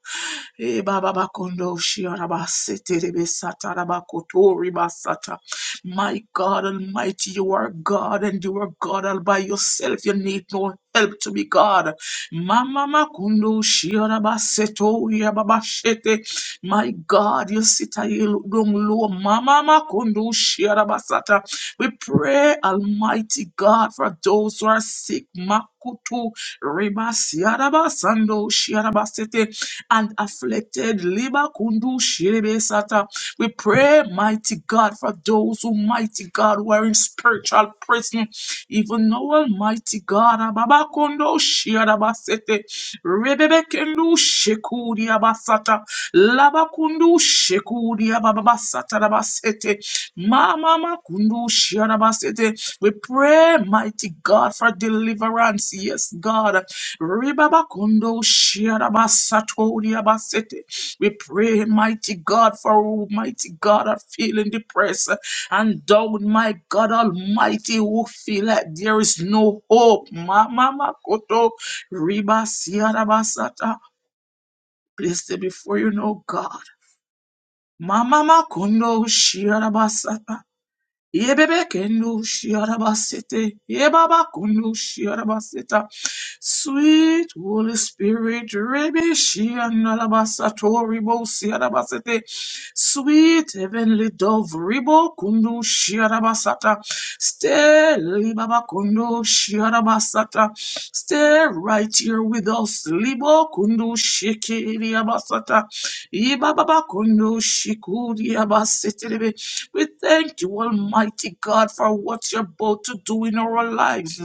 Speaker 6: Eh, Baba Bakondo, Shiaraba, Sete, Rebe, Sata, Raba, Koto, Riba, Sata. My God Almighty, you are God and you are God all by yourself. You need no help to be God. Mama Makundo, Shiaraba, Seto, Yababa, Shete. My God, you sit high, you look down low. Mama Makundo, Shiaraba, Sata. We pray, Almighty God, for those who are sick. Makutu Reba Siaraba Sando Shiarabasete and afflicted Liba Kundu Shirebe Sata. We pray, mighty God, for those who mighty God who are in spiritual prison. Even now, Almighty God, Ababa Kundo Shiarabasete Rebebe Kendu Shekudi Abasata Laba Kundu Shekudi Ababa Sata Rabasete Mama Makundu Shiarabasete. We pray, mighty God, for deliverance. Yes, God. Ribabakundo Shiarabasatodiabasete. We pray, mighty God, for who, mighty God, are feeling depressed and down, my God Almighty, who feel like there is no hope. Mama Makoto Ribasiarabasata. Place it before you know God. Mama Makundo Shiarabasata. Yebebe kendu shiarabasete. Yebaba kundu shiarabaseta. Sweet Holy Spirit, rebe shianalabasa toribo siarabasete. Sweet Heavenly Dove, ribo kundu shiarabasata. Stay, libaba kundu shiarabasata. Stay right here with us. Libo kundu shikiriabasata. Yebaba kundu shikuriabasete. We thank you, Almighty God, for what you're about to do in our lives.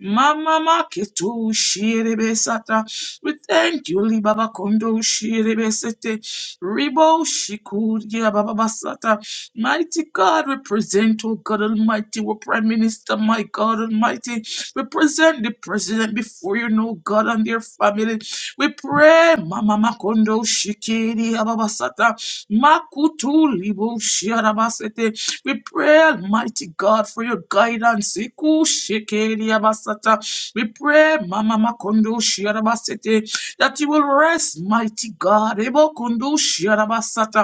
Speaker 6: Mama Maketu Shiribesata. We thank you, Libaba Kondo Shiribesete. Ribo Shikuria Baba Basata. Mighty God, we present, oh God Almighty, we Prime Minister, my God Almighty. We present the President before you, know God, and their family. We pray, Mama Makondo Shikiri Ababasata. Makutu libu shiarabasete. We pray, Almighty God, for your guidance. Iku shekeli abasata. We pray, Mama Makondo shiarabasete, that you will rest, mighty God. Ebo kundu shiarabasata.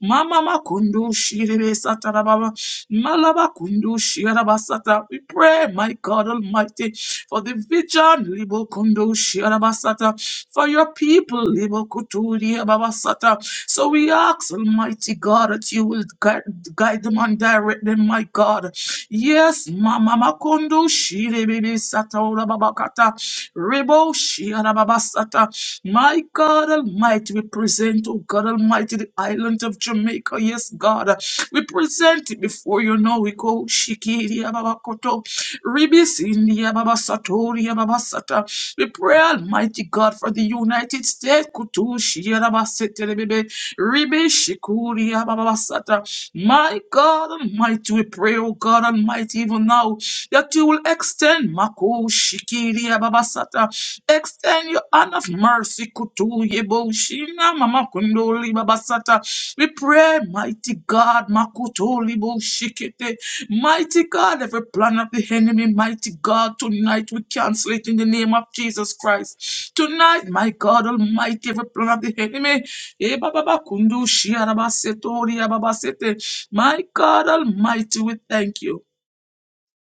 Speaker 6: Mama Makondo shirebe satarababa. Malabakundushi Arabasata. We pray, my God Almighty, for the vision, Libokundushi Arabasata, for your people, Libokuturi Arabasata. So we ask, Almighty God, that you will guide, guide them and direct them, my God. Yes, Mama Makondo Shirebe Sataura Babakata Rebo Shiara Babasata. My God Almighty, we present, oh God Almighty, the island of Jamaica. Yes, God. We present it before you now. We go Shikiri Ababakoto. Ribis India Babasatori Babasata. We pray, Almighty God, for the United States. Kutu Shiara Basetelebebe. Ribe Shikuri Ababasata. My God Almighty, we pray, oh God Almighty, even now that you will extend Mako Shikiri Ababasata, extend your hand of mercy Kutu Yebo Shina Mama Kundoli Babasata. We pray, mighty God, Makuto Libo Shikete, mighty God, every plan of the enemy, mighty God, tonight we cancel it in the name of Jesus Christ. Tonight, my God Almighty, every plan of the enemy, Eh, Baba Kundu Shia Rabasetori Ababasete. My God Almighty, we thank you.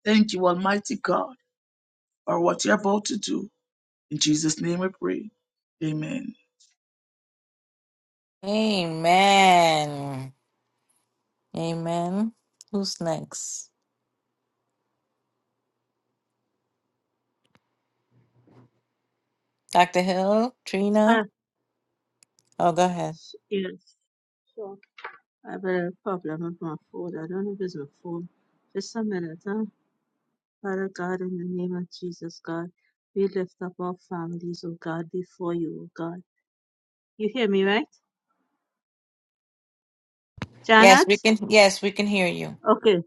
Speaker 6: Thank you, Almighty God, for what you're about to do. In Jesus' name we pray. Amen.
Speaker 1: Amen. Amen. Who's next? Dr. Hill, Trina?
Speaker 4: Ah,
Speaker 1: Oh, go ahead.
Speaker 4: yes. So I have a problem with my phone. I don't know if it's my phone. Just a minute, huh? Father God, in the name of Jesus, God, we lift up our families, oh God, before you, oh God. You hear me, right?
Speaker 1: Yes,
Speaker 4: Janet?
Speaker 1: we can. Yes, we can hear you.
Speaker 4: Okay.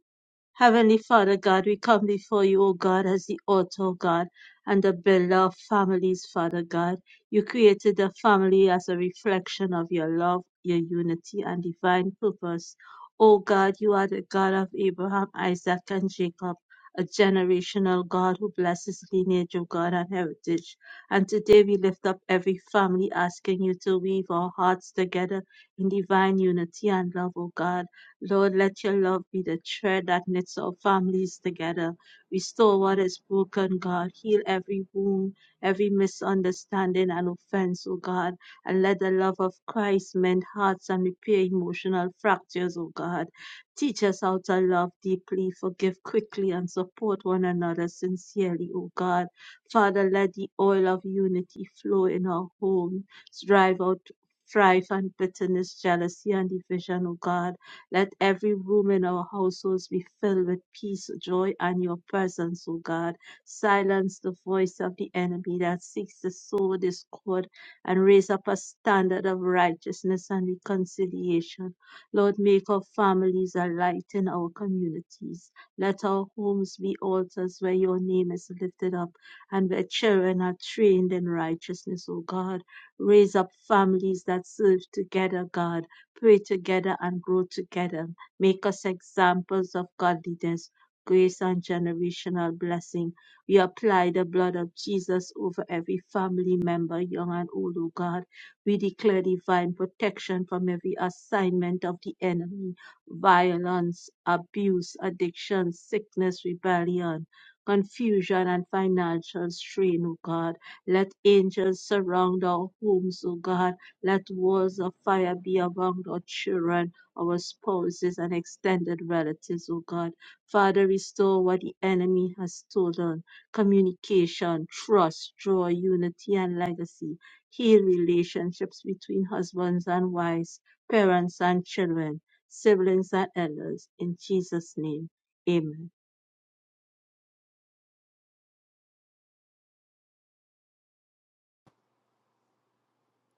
Speaker 4: Heavenly Father God, we come before you, O God, as the author, O God, and the builder of families, Father God. You created the family as a reflection of your love, your unity, and divine purpose. O God, you are the God of Abraham, Isaac, and Jacob, a generational God who blesses lineage of God and heritage. And today we lift up every family, asking you to weave our hearts together in divine unity and love, O God. Lord, let your love be the thread that knits our families together. Restore what is broken, God. Heal every wound, every misunderstanding and offense, O God. And let the love of Christ mend hearts and repair emotional fractures, O God. Teach us how to love deeply, forgive quickly, and support one another sincerely, O God. Father, let the oil of unity flow in our home, drive out strife and bitterness, jealousy and division, O God let every room in our households be filled with peace, joy, and your presence, O God. Silence the voice of the enemy that seeks to sow discord and raise up a standard of righteousness and reconciliation. Lord, make our families a light in our communities. Let our homes be altars where your name is lifted up and where children are trained in righteousness, O God. Raise up families that serve together, God pray together and grow together. Make us examples of godliness, grace, and generational blessing. We apply the blood of Jesus over every family member, young and old, O God. We declare divine protection from every assignment of the enemy violence, abuse, addiction, sickness, rebellion. Confusion and financial strain, O God. Let angels surround our homes, O God let walls of fire be around our children, our spouses, and extended relatives, O God. Father, restore what the enemy has stolen communication, trust, joy, unity, and legacy. Heal relationships between husbands and wives, parents and children, siblings and elders. In Jesus' name, amen.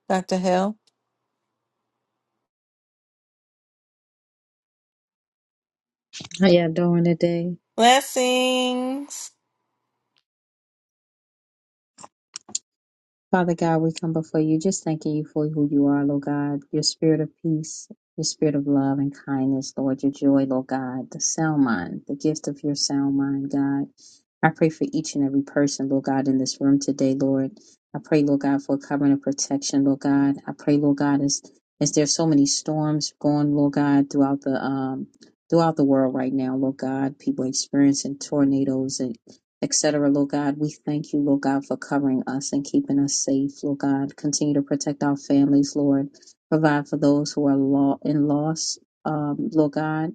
Speaker 1: Dr. Hill.
Speaker 7: How y'all doing today?
Speaker 1: Blessings.
Speaker 7: Father God, we come before you just thanking you for who you are, Lord God, your spirit of peace, your spirit of love and kindness, Lord, your joy, Lord God, the sound mind, the gift of your sound mind, God. I pray for each and every person, Lord God, in this room today, Lord. I pray, Lord God, for covering and protection, Lord God. I pray, Lord God, as, as there's so many storms going, Lord God, throughout the um throughout the world right now, Lord God, people experiencing tornadoes etc. Lord God, we thank you, Lord God, for covering us and keeping us safe, Lord God. Continue to protect our families, Lord. Provide for those who are law in loss, um, Lord God.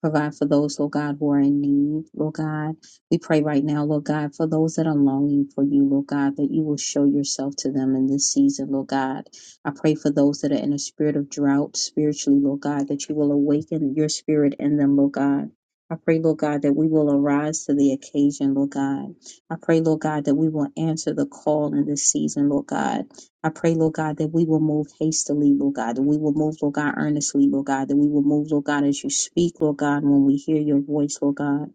Speaker 7: Provide for those, Lord God, who are in need, Lord God. We pray right now, Lord God, for those that are longing for you, Lord God, that you will show yourself to them in this season, Lord God. I pray for those that are in a spirit of drought spiritually, Lord God, that you will awaken your spirit in them, Lord God I pray, Lord God, that we will arise to the occasion, Lord God. I pray, Lord God, that we will answer the call in this season, Lord God. I pray, Lord God, that we will move hastily, Lord God, that we will move, Lord God, earnestly, Lord God, that we will move, Lord God, as you speak, Lord God, when we hear your voice, Lord God.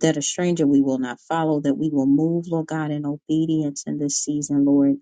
Speaker 7: That a stranger we will not follow, that we will move, Lord God, in obedience in this season, Lord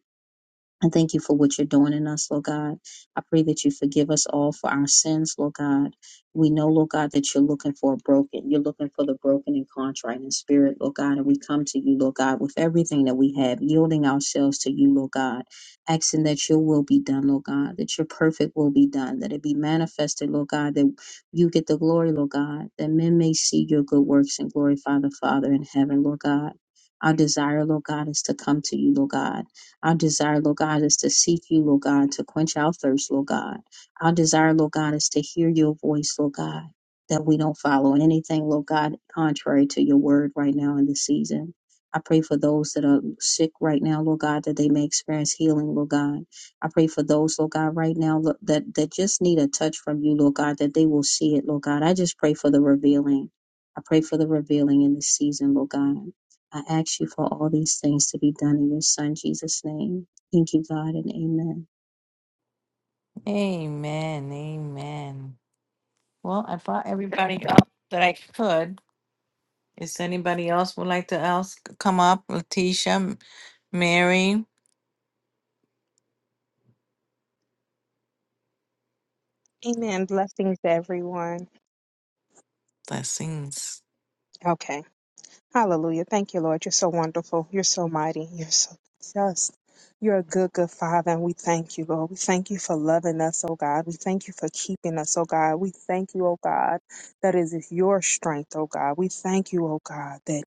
Speaker 7: I thank you for what you're doing in us, Lord God. I pray that you forgive us all for our sins, Lord God. We know, Lord God, that you're looking for a broken. You're looking for the broken and contrite in spirit, Lord God. And we come to you, Lord God, with everything that we have, yielding ourselves to you, Lord God, asking that your will be done, Lord God, that your perfect will be done, that it be manifested, Lord God, that you get the glory, Lord God, that men may see your good works and glorify the Father in heaven, Lord God. Our desire, Lord God, is to come to you, Lord God our desire, Lord God, is to seek you, Lord God, to quench our thirst, Lord God. Our desire, Lord God, is to hear your voice, Lord God, that we don't follow anything, Lord God, contrary to your word right now in this season. I pray for those that are sick right now, Lord God, that they may experience healing, Lord God. I pray for those, Lord God, right now Lord, that, that just need a touch from you, Lord God, that they will see it, Lord God. I just pray for the revealing. I pray for the revealing in this season, Lord God. I ask you for all these things to be done in your Son, Jesus' name. Thank you, God, and amen.
Speaker 1: Amen. Amen. Well, I brought everybody up that I could. Is anybody else would like to ask, come up? Letitia, M- Mary,
Speaker 8: Amen. Blessings to everyone.
Speaker 1: blessings.
Speaker 8: Okay. Hallelujah. Thank you, Lord. You're so wonderful. You're so mighty. You're so just. You're a good, good Father, and we thank you, Lord. We thank you for loving us, oh God. We thank you for keeping us, oh God. We thank you, oh God, that it is your strength, oh God. We thank you, oh God, that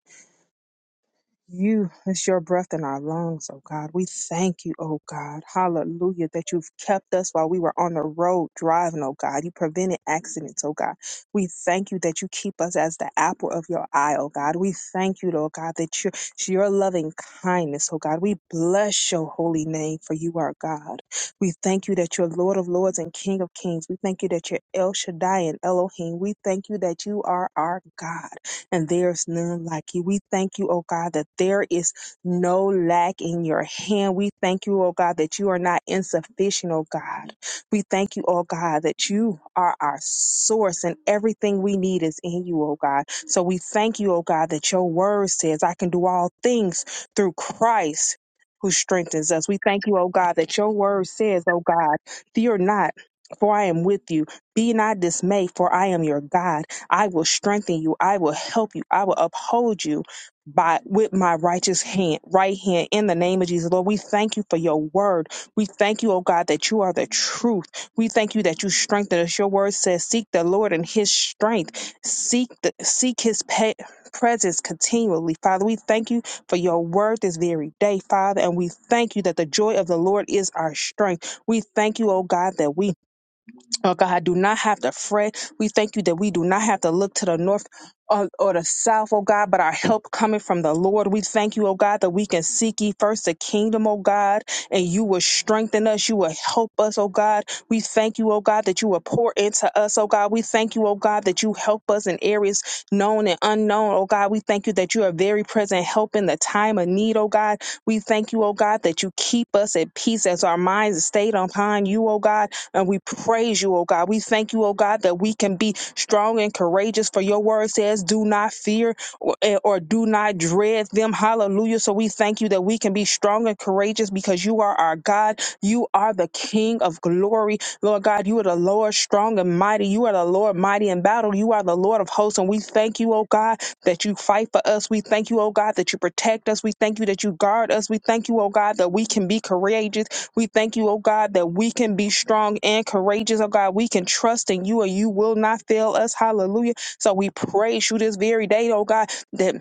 Speaker 8: You is your breath in our lungs, oh God. We thank you, oh God. Hallelujah, that you've kept us while we were on the road driving, oh God. You prevented accidents, oh God. We thank you that you keep us as the apple of your eye, oh God. We thank you, oh God, that your, your loving kindness, oh God. We bless your holy name, for you are God. We thank you that you're Lord of Lords and King of Kings. We thank you that you're El Shaddai and Elohim. We thank you that you are our God and there's none like you. We thank you, oh God, that there is no lack in your hand. We thank you, oh God, that you are not insufficient, oh God. We thank you, oh God, that you are our source and everything we need is in you, oh God. So we thank you, oh God, that your word says, I can do all things through Christ who strengthens us. We thank you, oh God, that your word says, oh God, fear not, for I am with you. Be not dismayed, for I am your God. I will strengthen you. I will help you. I will uphold you by with my righteous hand, right hand in the name of Jesus. Lord, we thank you for your word. We thank you, oh God, that you are the truth. We thank you that you strengthen us. Your word says, seek the Lord and his strength. Seek the seek his pe- presence continually. Father, we thank you for your word this very day, Father, and we thank you that the joy of the Lord is our strength. We thank you, oh God, that we Oh God, do not have to fret. We thank you that we do not have to look to the north or, or the south, oh God, but our help coming from the Lord. We thank you, oh God, that we can seek ye first the kingdom, oh God, and you will strengthen us. You will help us, oh God. We thank you, oh God, that you will pour into us, oh God. We thank you, oh God, that you help us in areas known and unknown, oh God. We thank you that you are very present help in the time of need, oh God. We thank you, oh God, that you keep us at peace as our minds stayed upon you, oh God. And we praise you, oh God. We thank you, oh God, that we can be strong and courageous. For your word says, do not fear or, eh, or do not dread them. Hallelujah. So we thank you that we can be strong and courageous because you are our God. You are the King of glory. Lord God, you are the Lord strong and mighty. You are the Lord mighty in battle. You are the Lord of hosts. And we thank you, oh God, that you fight for us. We thank you, oh God, that you protect us. We thank you that you guard us. We thank you, oh God, that we can be courageous we thank you, oh God, that we can be strong and courageous, oh God. We can trust in you and you will not fail us. Hallelujah. So we praise you this very day, oh God, that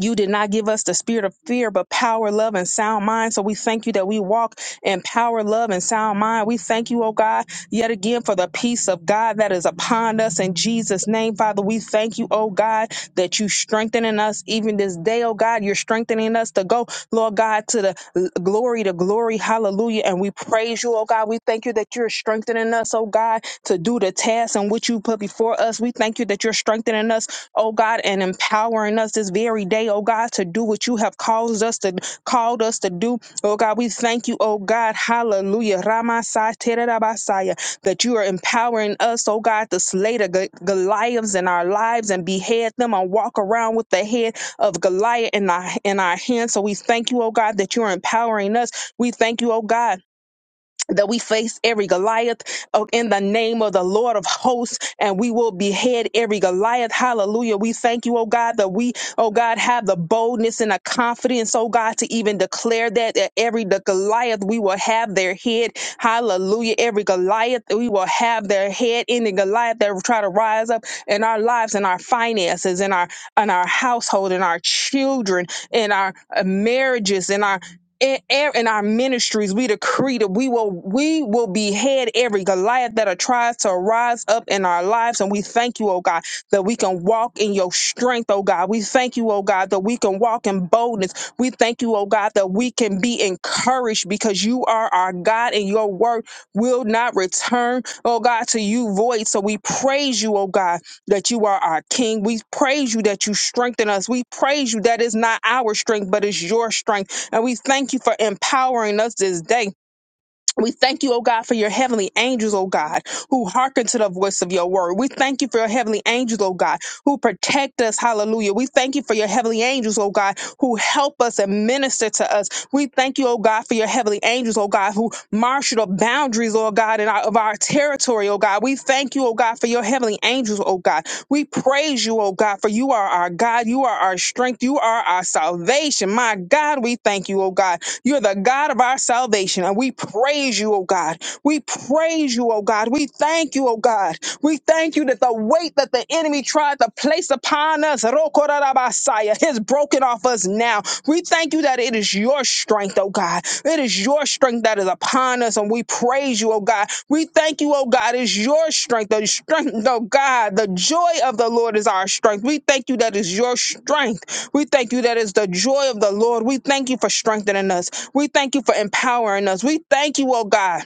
Speaker 8: you did not give us the spirit of fear, but power, love, and sound mind. So we thank you that we walk in power, love, and sound mind. We thank you, oh God, yet again for the peace of God that is upon us in Jesus' name, Father. We thank you, oh God, that you strengthening us even this day, oh God. You're strengthening us to go, Lord God, to the l- glory to glory. Hallelujah. And we praise you, oh God. We thank you that you're strengthening us, oh God, to do the task and which you put before us. We thank you that you're strengthening us oh God, and empowering us this very day, oh God, to do what you have caused us to called us to do. Oh God, we thank you, oh God, hallelujah. Ramasai tererabasaya, that you are empowering us, oh God, to slay the Go- Goliaths in our lives and behead them and walk around with the head of Goliath in our in our hands. So we thank you, oh God, that you are empowering us. We thank you, oh God that we face every Goliath uh, in the name of the Lord of hosts, and we will behead every Goliath. Hallelujah. We thank you, oh God, that we, oh God, have the boldness and the confidence, oh God, to even declare that, that every the Goliath we will have their head. Hallelujah. Every Goliath we will have their head. Any Goliath that will try to rise up in our lives and our finances, in our in our household, in our children, in our uh, marriages, in our in, in our ministries, we decree that we will we will behead every Goliath that tries to rise up in our lives. And we thank you, oh God, that we can walk in your strength, oh God. We thank you, oh God, that we can walk in boldness. We thank you, oh God, that we can be encouraged because you are our God and your word will not return, oh God, to you void. So we praise you, oh God, that you are our King. We praise you that you strengthen us. We praise you that it's not our strength, but it's your strength. And we thank you for empowering us this day. We thank you, oh God, for your heavenly angels, oh God, who hearken to the voice of your word. We thank you for your heavenly angels, oh God, who protect us. Hallelujah. We thank you for your heavenly angels, oh God, who help us and minister to us. We thank you, oh God, for your heavenly angels, oh God, who marshal the boundaries, oh God, in our, of our territory, oh God. We thank you, oh God, for your heavenly angels, oh God. We praise you, oh God, for you are our God. You are our strength. You are our salvation. My God, we thank you, oh God. You're the God of our salvation. And we praise you, oh God. We praise you, oh God. We thank you, oh God. We thank you that the weight that the enemy tried to place upon us. Rokorabasaya. It's broken off us now. We thank you that it is your strength, oh God. It is your strength that is upon us, and we praise you, oh God. We thank you, oh God. It's your strength, the strength, oh God. The joy of the Lord is our strength. We thank you that is your strength. We thank you that is the joy of the Lord. We thank you for strengthening us. We thank you for empowering us. We thank you, oh God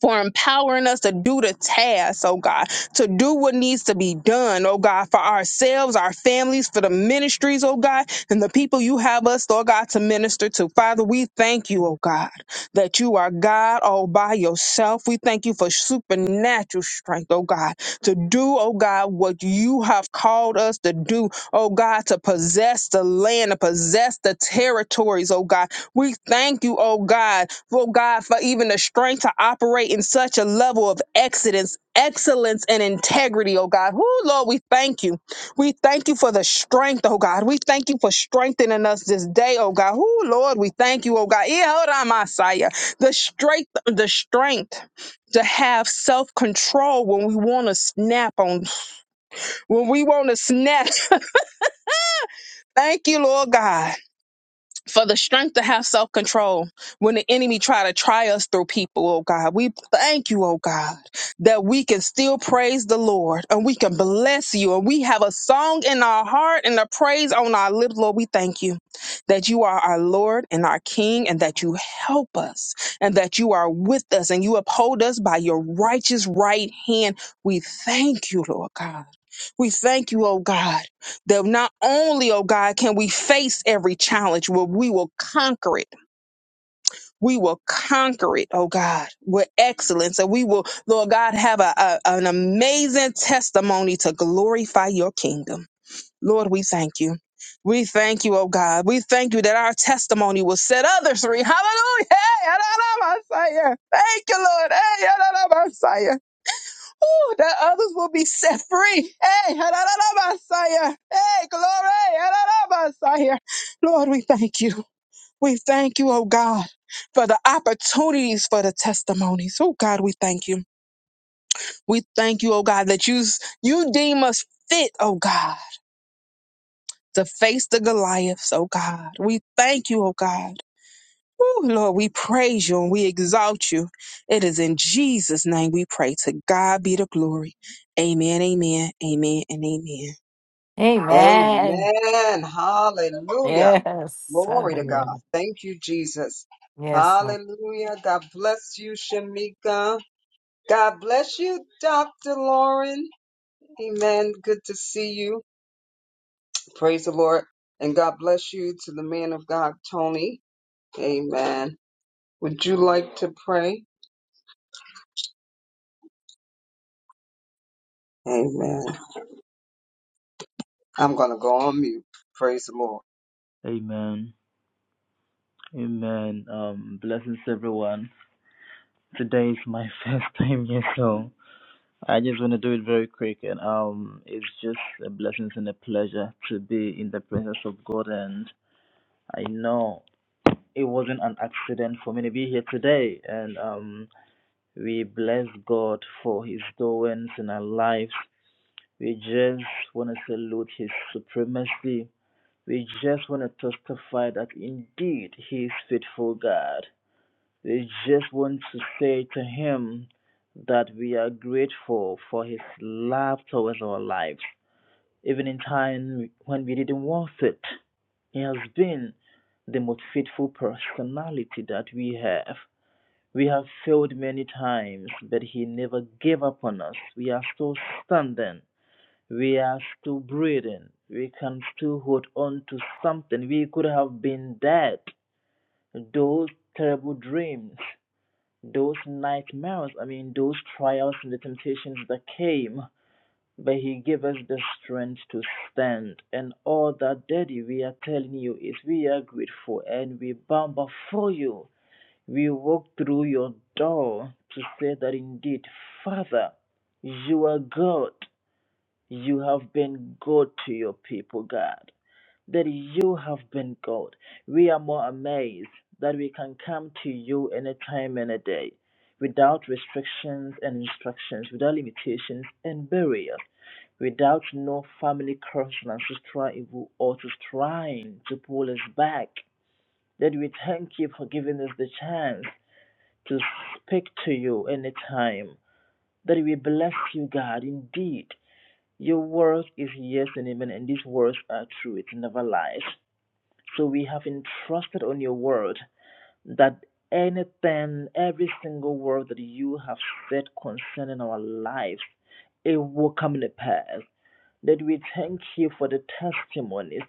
Speaker 8: for empowering us to do the task, oh God, to do what needs to be done, oh God, for ourselves, our families, for the ministries, oh God, and the people you have us, oh God, to minister to. Father, we thank you, oh God, that you are God all by yourself. We thank you for supernatural strength, oh God, to do, oh God, what you have called us to do, oh God, to possess the land, to possess the territories, oh God. We thank you, oh God, grateful, God, for even the strength to operate in such a level of excellence, excellence and integrity, oh God. Oh Lord, we thank you. We thank you for the strength, oh God. We thank you for strengthening us this day, oh God. Oh Lord, we thank you, oh God. Yeah, hold on, Messiah. The strength, the strength to have self-control when we want to snap on, when we want to snap. thank you, Lord God for the strength to have self control when the enemy try to try us through people, oh God. We thank you, oh God, that we can still praise the Lord and we can bless you and we have a song in our heart and a praise on our lips, Lord. We thank you that you are our Lord and our King and that you help us and that you are with us and you uphold us by your righteous right hand. We thank you, Lord God. We thank you, oh God that not only, oh God, can we face every challenge, but we will conquer it. We will conquer it, oh God, with excellence. And we will, Lord God, have a, a- an amazing testimony to glorify your kingdom. Lord, we thank you. We thank you, oh God. We thank you that our testimony will set others free. Hallelujah. Hey, Adonai Messiah. Thank you, Lord. Hey, Adonai Messiah. Ooh, that others will be set free. Hey, ha da da da ba sa hey, glory. ha da da ba sa Lord, we thank you. We thank you, oh God, for the opportunities for the testimonies. Oh God, we thank you. We thank you, oh God, that you you deem us fit, oh God, to face the Goliaths, oh God. We thank you, oh God. Ooh, Lord, we praise you and we exalt you. It is in Jesus' name we pray. To God be the glory. Amen, amen, amen, and amen.
Speaker 1: Amen.
Speaker 2: Amen. Hallelujah.
Speaker 1: Yes.
Speaker 2: Glory to God.
Speaker 1: Hallelujah.
Speaker 2: Thank you, Jesus.
Speaker 1: Yes, Lord.
Speaker 2: Hallelujah. God bless you, Shamika. God bless you, Dr. Lauren. Amen. Good to see you. Praise the Lord. And God bless you to the man of God, Tony. Amen. Would you like to pray? Amen. I'm going to go on mute. Praise the Lord.
Speaker 9: Amen. Amen. Um, blessings, everyone. Today is my first time here, so I just want to do it very quick. And um, it's just a blessing and a pleasure to be in the presence of God. And I know it wasn't an accident for me to be here today. And um, we bless God for His doings in our lives. We just want to salute His supremacy. We just want to testify that indeed He is faithful God. We just want to say to Him that we are grateful for His love towards our lives. Even in time when we didn't want it, He has been the most faithful personality that we have. We have failed many times, but He never gave up on us. We are still standing. We are still breathing. We can still hold on to something. We could have been dead. Those terrible dreams those nightmares, I mean, those trials and the temptations that came, but He gave us the strength to stand. And all that, Daddy, we are telling you is we are grateful and we bow before you. We walk through your door to say that indeed, Father, you are God. You have been good to your people, God that you have been God. We are more amazed that we can come to you any time, any day, without restrictions and instructions, without limitations and barriers, without no family curse and ancestral evil or to trying to pull us back. That we thank you for giving us the chance to speak to you any time. That we bless you, God, indeed. Your word is yes and amen, and these words are true. It never lies. So we have entrusted on your word that anything, every single word that you have said concerning our lives, it will come to pass. That we thank you for the testimonies.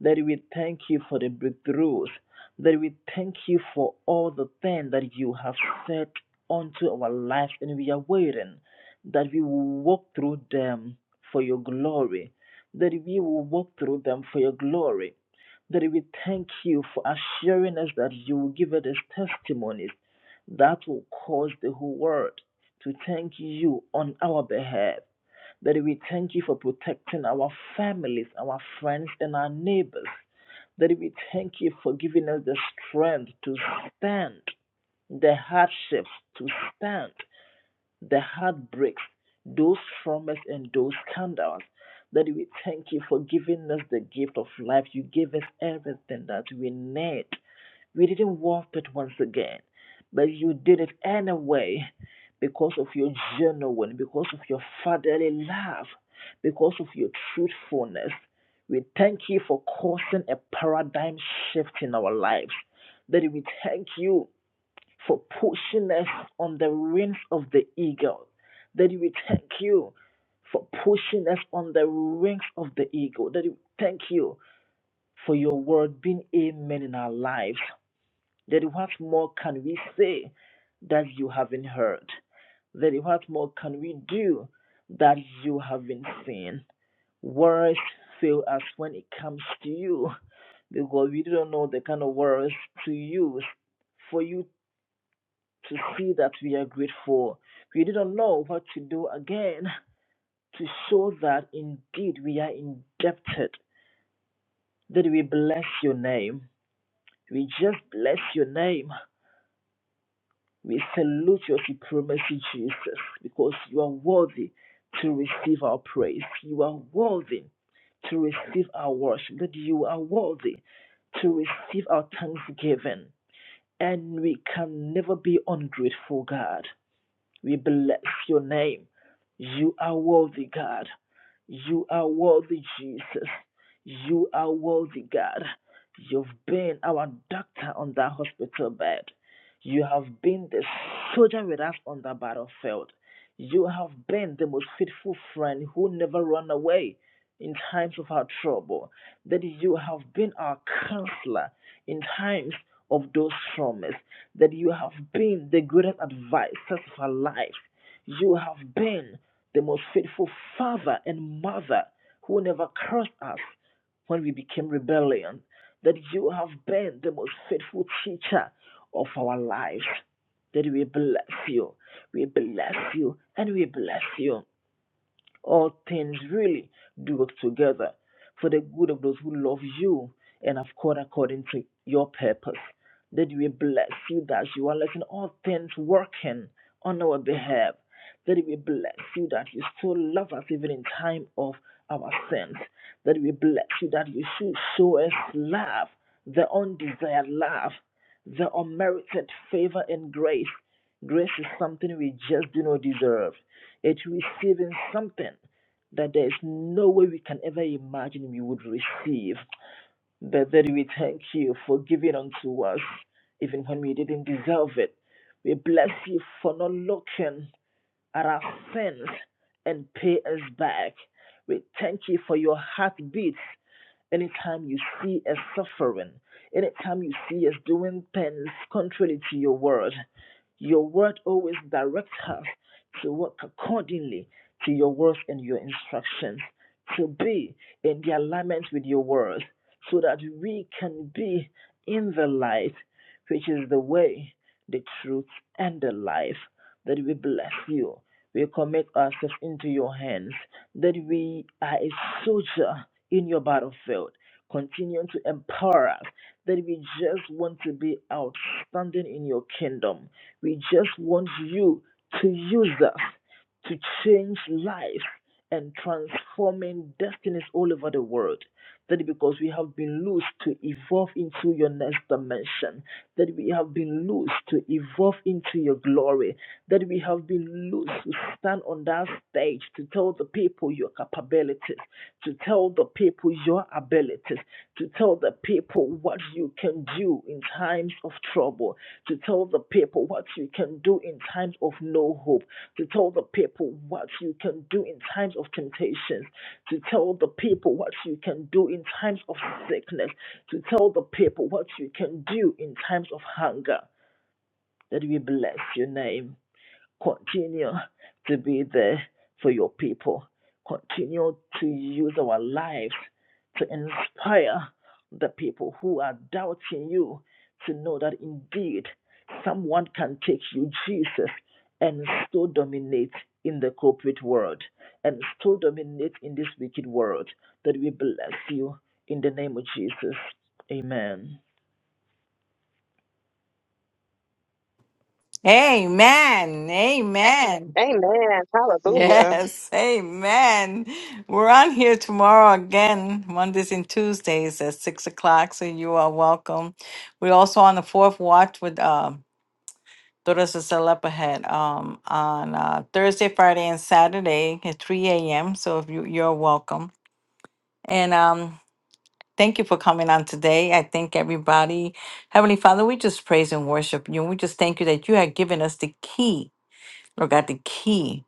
Speaker 9: That we thank you for the breakthroughs. That we thank you for all the things that you have said unto our lives, and we are waiting that we will walk through them for your glory. That we will walk through them for your glory. That we thank you for assuring us that you will give us testimonies that will cause the whole world to thank you on our behalf. That we thank you for protecting our families, our friends, and our neighbors. That we thank you for giving us the strength to stand the hardships, to stand the heartbreaks, those from us and those scandals. That we thank you for giving us the gift of life. You gave us everything that we need we didn't want it once again, but you did it anyway because of your genuine, because of your fatherly love, because of your truthfulness. We thank you for causing a paradigm shift in our lives. That we thank you for pushing us on the wings of the eagle. That we thank you for pushing us on the wings of the eagle. That we thank you for your word being amen in our lives. Then what more can we say that you haven't heard? Then what more can we do that you haven't seen? Words fail us when it comes to you because we don't know the kind of words to use for you to see that we are grateful. We do not know what to do again to show that indeed we are indebted. That we bless your name. We just bless your name We salute your supremacy, Jesus, because you are worthy to receive our praise. You are worthy to receive our worship, that you are worthy to receive our thanksgiving. And we can never be ungrateful, God. We bless your name. You are worthy, God. You are worthy, Jesus. You are worthy, God. You've been our doctor on that hospital bed. You have been the soldier with us on the battlefield. You have been the most faithful friend who never ran away in times of our trouble. That you have been our counselor in times of those traumas. That you have been the greatest advisor of our lives. You have been the most faithful father and mother who never cursed us when we became rebellion, that you have been the most faithful teacher of our lives. That we bless you, we bless you, and we bless you. All things really do work together for the good of those who love you and have called according to your purpose. That we bless you that you are letting all things working on our behalf. That we bless you that you still love us even in time of our sins. That we bless you that you should show us love, the undesired love, the unmerited favor and grace. Grace is something we just do not deserve. It's receiving something that there's no way we can ever imagine we would receive. But that we thank you for giving unto us, even when we didn't deserve it. We bless you for not looking at our sins and pay us back. We thank you for your heartbeats anytime you see us suffering, anytime you see us doing things contrary to your word. Your word always directs us to work accordingly to your words and your instructions, to be in the alignment with your words, so that we can be in the light, which is the way, the truth, and the life. That we bless you. We commit ourselves into your hands, that we are a soldier in your battlefield. Continue to empower us, that we just want to be outstanding in your kingdom we just want you to use us to change lives and transforming destinies all over the world. That because we have been loose to evolve into your next dimension, that we have been loose to evolve into your glory, that we have been loose to stand on that stage to tell the people your capabilities, to tell the people your abilities, to tell the people what you can do in times of trouble, to tell the people what you can do in times of no hope, to tell the people what you can do in times of temptations, to tell the people what you can do in times of sickness, to tell the people what you can do in times of hunger. That we bless your name. Continue to be there for your people. Continue to use our lives to inspire the people who are doubting you to know that indeed someone can take you, Jesus, and still dominate in the corporate world and still dominate in this wicked world. That we bless you in the name of Jesus. Amen.
Speaker 1: Amen. Amen.
Speaker 8: Amen. Hallelujah.
Speaker 1: Yes. Amen. We're on here tomorrow again, Mondays and Tuesdays at six o'clock. So you are welcome. We're also on the fourth watch with um. Daughters of Zelep ahead um, on uh, Thursday, Friday, and Saturday at 3 a.m. So if you, you're welcome. And um, thank you for coming on today. I thank everybody. Heavenly Father, we just praise and worship you. And we just thank you that you have given us the key, Lord God, the key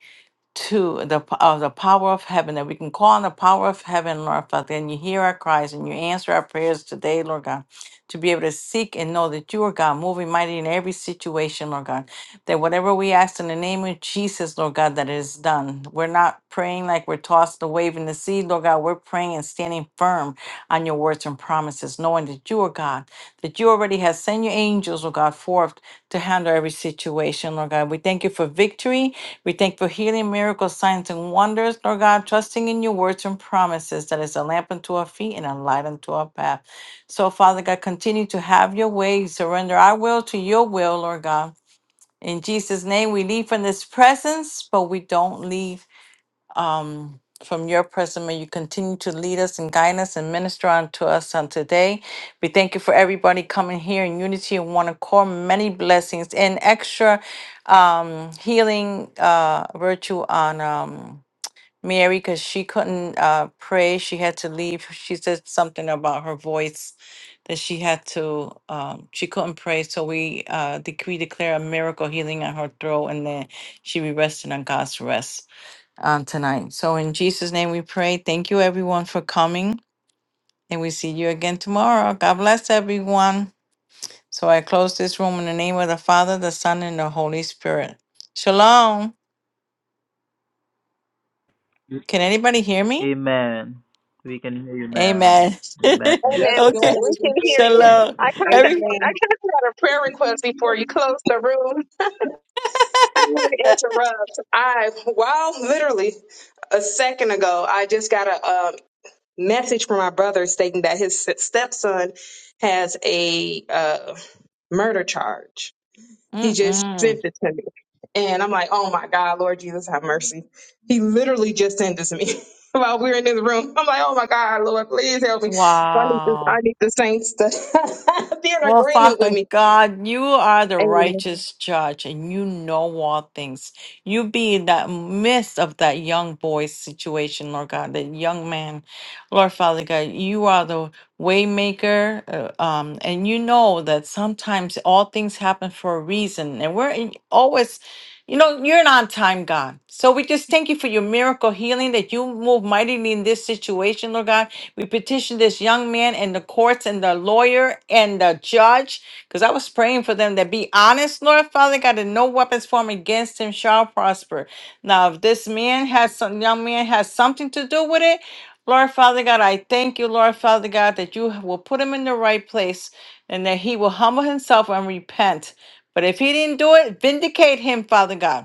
Speaker 1: to the p- of the power of heaven that we can call on the power of heaven, Lord Father, and you hear our cries and you answer our prayers today, Lord God, to be able to seek and know that you are God, moving mighty in every situation, Lord God. That whatever we ask in the name of Jesus, Lord God, that it is done. We're not praying like we're tossed the wave in the sea, Lord God. We're praying and standing firm on your words and promises, knowing that you are God that you already have sent your angels, Lord God, forth to handle every situation, Lord God. We thank you for victory. We thank for healing, miracles, signs, and wonders, Lord God, trusting in your words and promises that is a lamp unto our feet and a light unto our path. So, Father God, continue to have your way. Surrender our will to your will, Lord God. In Jesus' name, we leave from this presence, but we don't leave um, from your presence. May you continue to lead us and guide us and minister unto us on today. We thank you for everybody coming here in unity and one accord. Many blessings and extra um, healing uh, virtue on um, Mary because she couldn't uh, pray. She had to leave. She said something about her voice that she had to um, she couldn't pray so we uh decree declare a miracle healing on her throat and then she be resting on god's rest on tonight. So in Jesus' name we pray. Thank you everyone for coming. And we see you again tomorrow. God bless everyone. So I close this room in the name of the Father, the Son, and the Holy Spirit. Shalom. Can anybody hear me?
Speaker 9: Amen. We can hear you, ma'am.
Speaker 1: Amen.
Speaker 9: Amen.
Speaker 2: Yes,
Speaker 8: Amen. We
Speaker 1: okay.
Speaker 8: can,
Speaker 2: daughter, we
Speaker 8: we can
Speaker 2: can
Speaker 8: hear
Speaker 2: hear
Speaker 8: you.
Speaker 9: Thank
Speaker 1: Shalom.
Speaker 9: you.
Speaker 8: I kind of
Speaker 2: you.
Speaker 1: Every
Speaker 8: I kind of got a prayer request
Speaker 2: Amen.
Speaker 8: before you close the room. I didn't want to interrupt. I while literally a second ago, I just got a, uh message from my brother stating that his stepson has a uh, murder charge. He just
Speaker 1: Mm-mm.
Speaker 8: sent it to me. And I'm like, oh my God, Lord Jesus, have mercy. He literally just sent this to me while we were in this room. I'm like, oh my God, Lord, please help me. So I need this,
Speaker 1: Wow.
Speaker 8: I need the saints to be in
Speaker 1: Well,
Speaker 8: agreement with
Speaker 1: Father
Speaker 8: me.
Speaker 1: God, you are the
Speaker 8: Amen.
Speaker 1: righteous judge and you know all things. You be in that midst of that young boy's situation, Lord God, that young man. Lord Father God, you are the waymaker uh, um and you know that sometimes all things happen for a reason and we're in, always you know, you're an on time God. So we just thank you for your miracle healing that you move mightily in this situation, Lord God. We petitioned this young man and the courts and the lawyer and the judge because I was praying for them to be honest, Lord Father God, that no weapons formed against him shall prosper. Now, if this man has some young man has something to do with it, Lord Father God, I thank you, Lord Father God, that you will put him in the right place and that he will humble himself and repent. But if he didn't do it, vindicate him, Father God.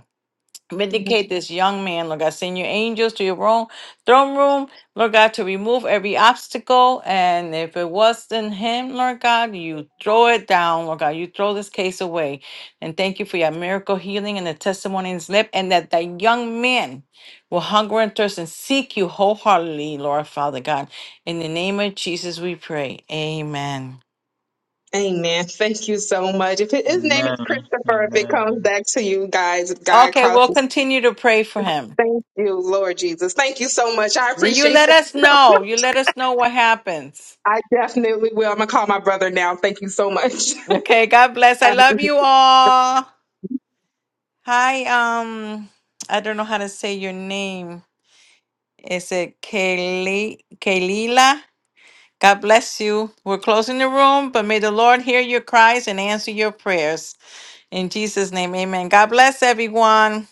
Speaker 1: Vindicate this young man, Lord God. Send your angels to your own throne room, Lord God, to remove every obstacle. And if it wasn't him, Lord God, you throw it down, Lord God. You throw this case away. And thank you for your miracle healing and the testimonies lip, and that that young man will hunger and thirst and seek you wholeheartedly, Lord Father God. In the name of Jesus, we pray. Amen.
Speaker 8: Amen. Thank you so much. If it, his name is
Speaker 9: Amen.
Speaker 8: Christopher, if it comes
Speaker 9: Amen.
Speaker 8: back to you guys, if God
Speaker 1: Okay, we'll
Speaker 8: crosses,
Speaker 1: continue to pray for him.
Speaker 8: thank you, Lord Jesus. Thank you so much. I
Speaker 1: You
Speaker 8: appreciate
Speaker 1: let us know. You let us know what happens.
Speaker 8: I definitely will. I'm gonna call my brother now. Thank you so much.
Speaker 1: Okay, God bless. I love you all. Hi, um, I don't know how to say your name. Is it Kaylee, Kaylila? God bless you. We're closing the room, but may the Lord hear your cries and answer your prayers. In Jesus' name, amen. God bless everyone.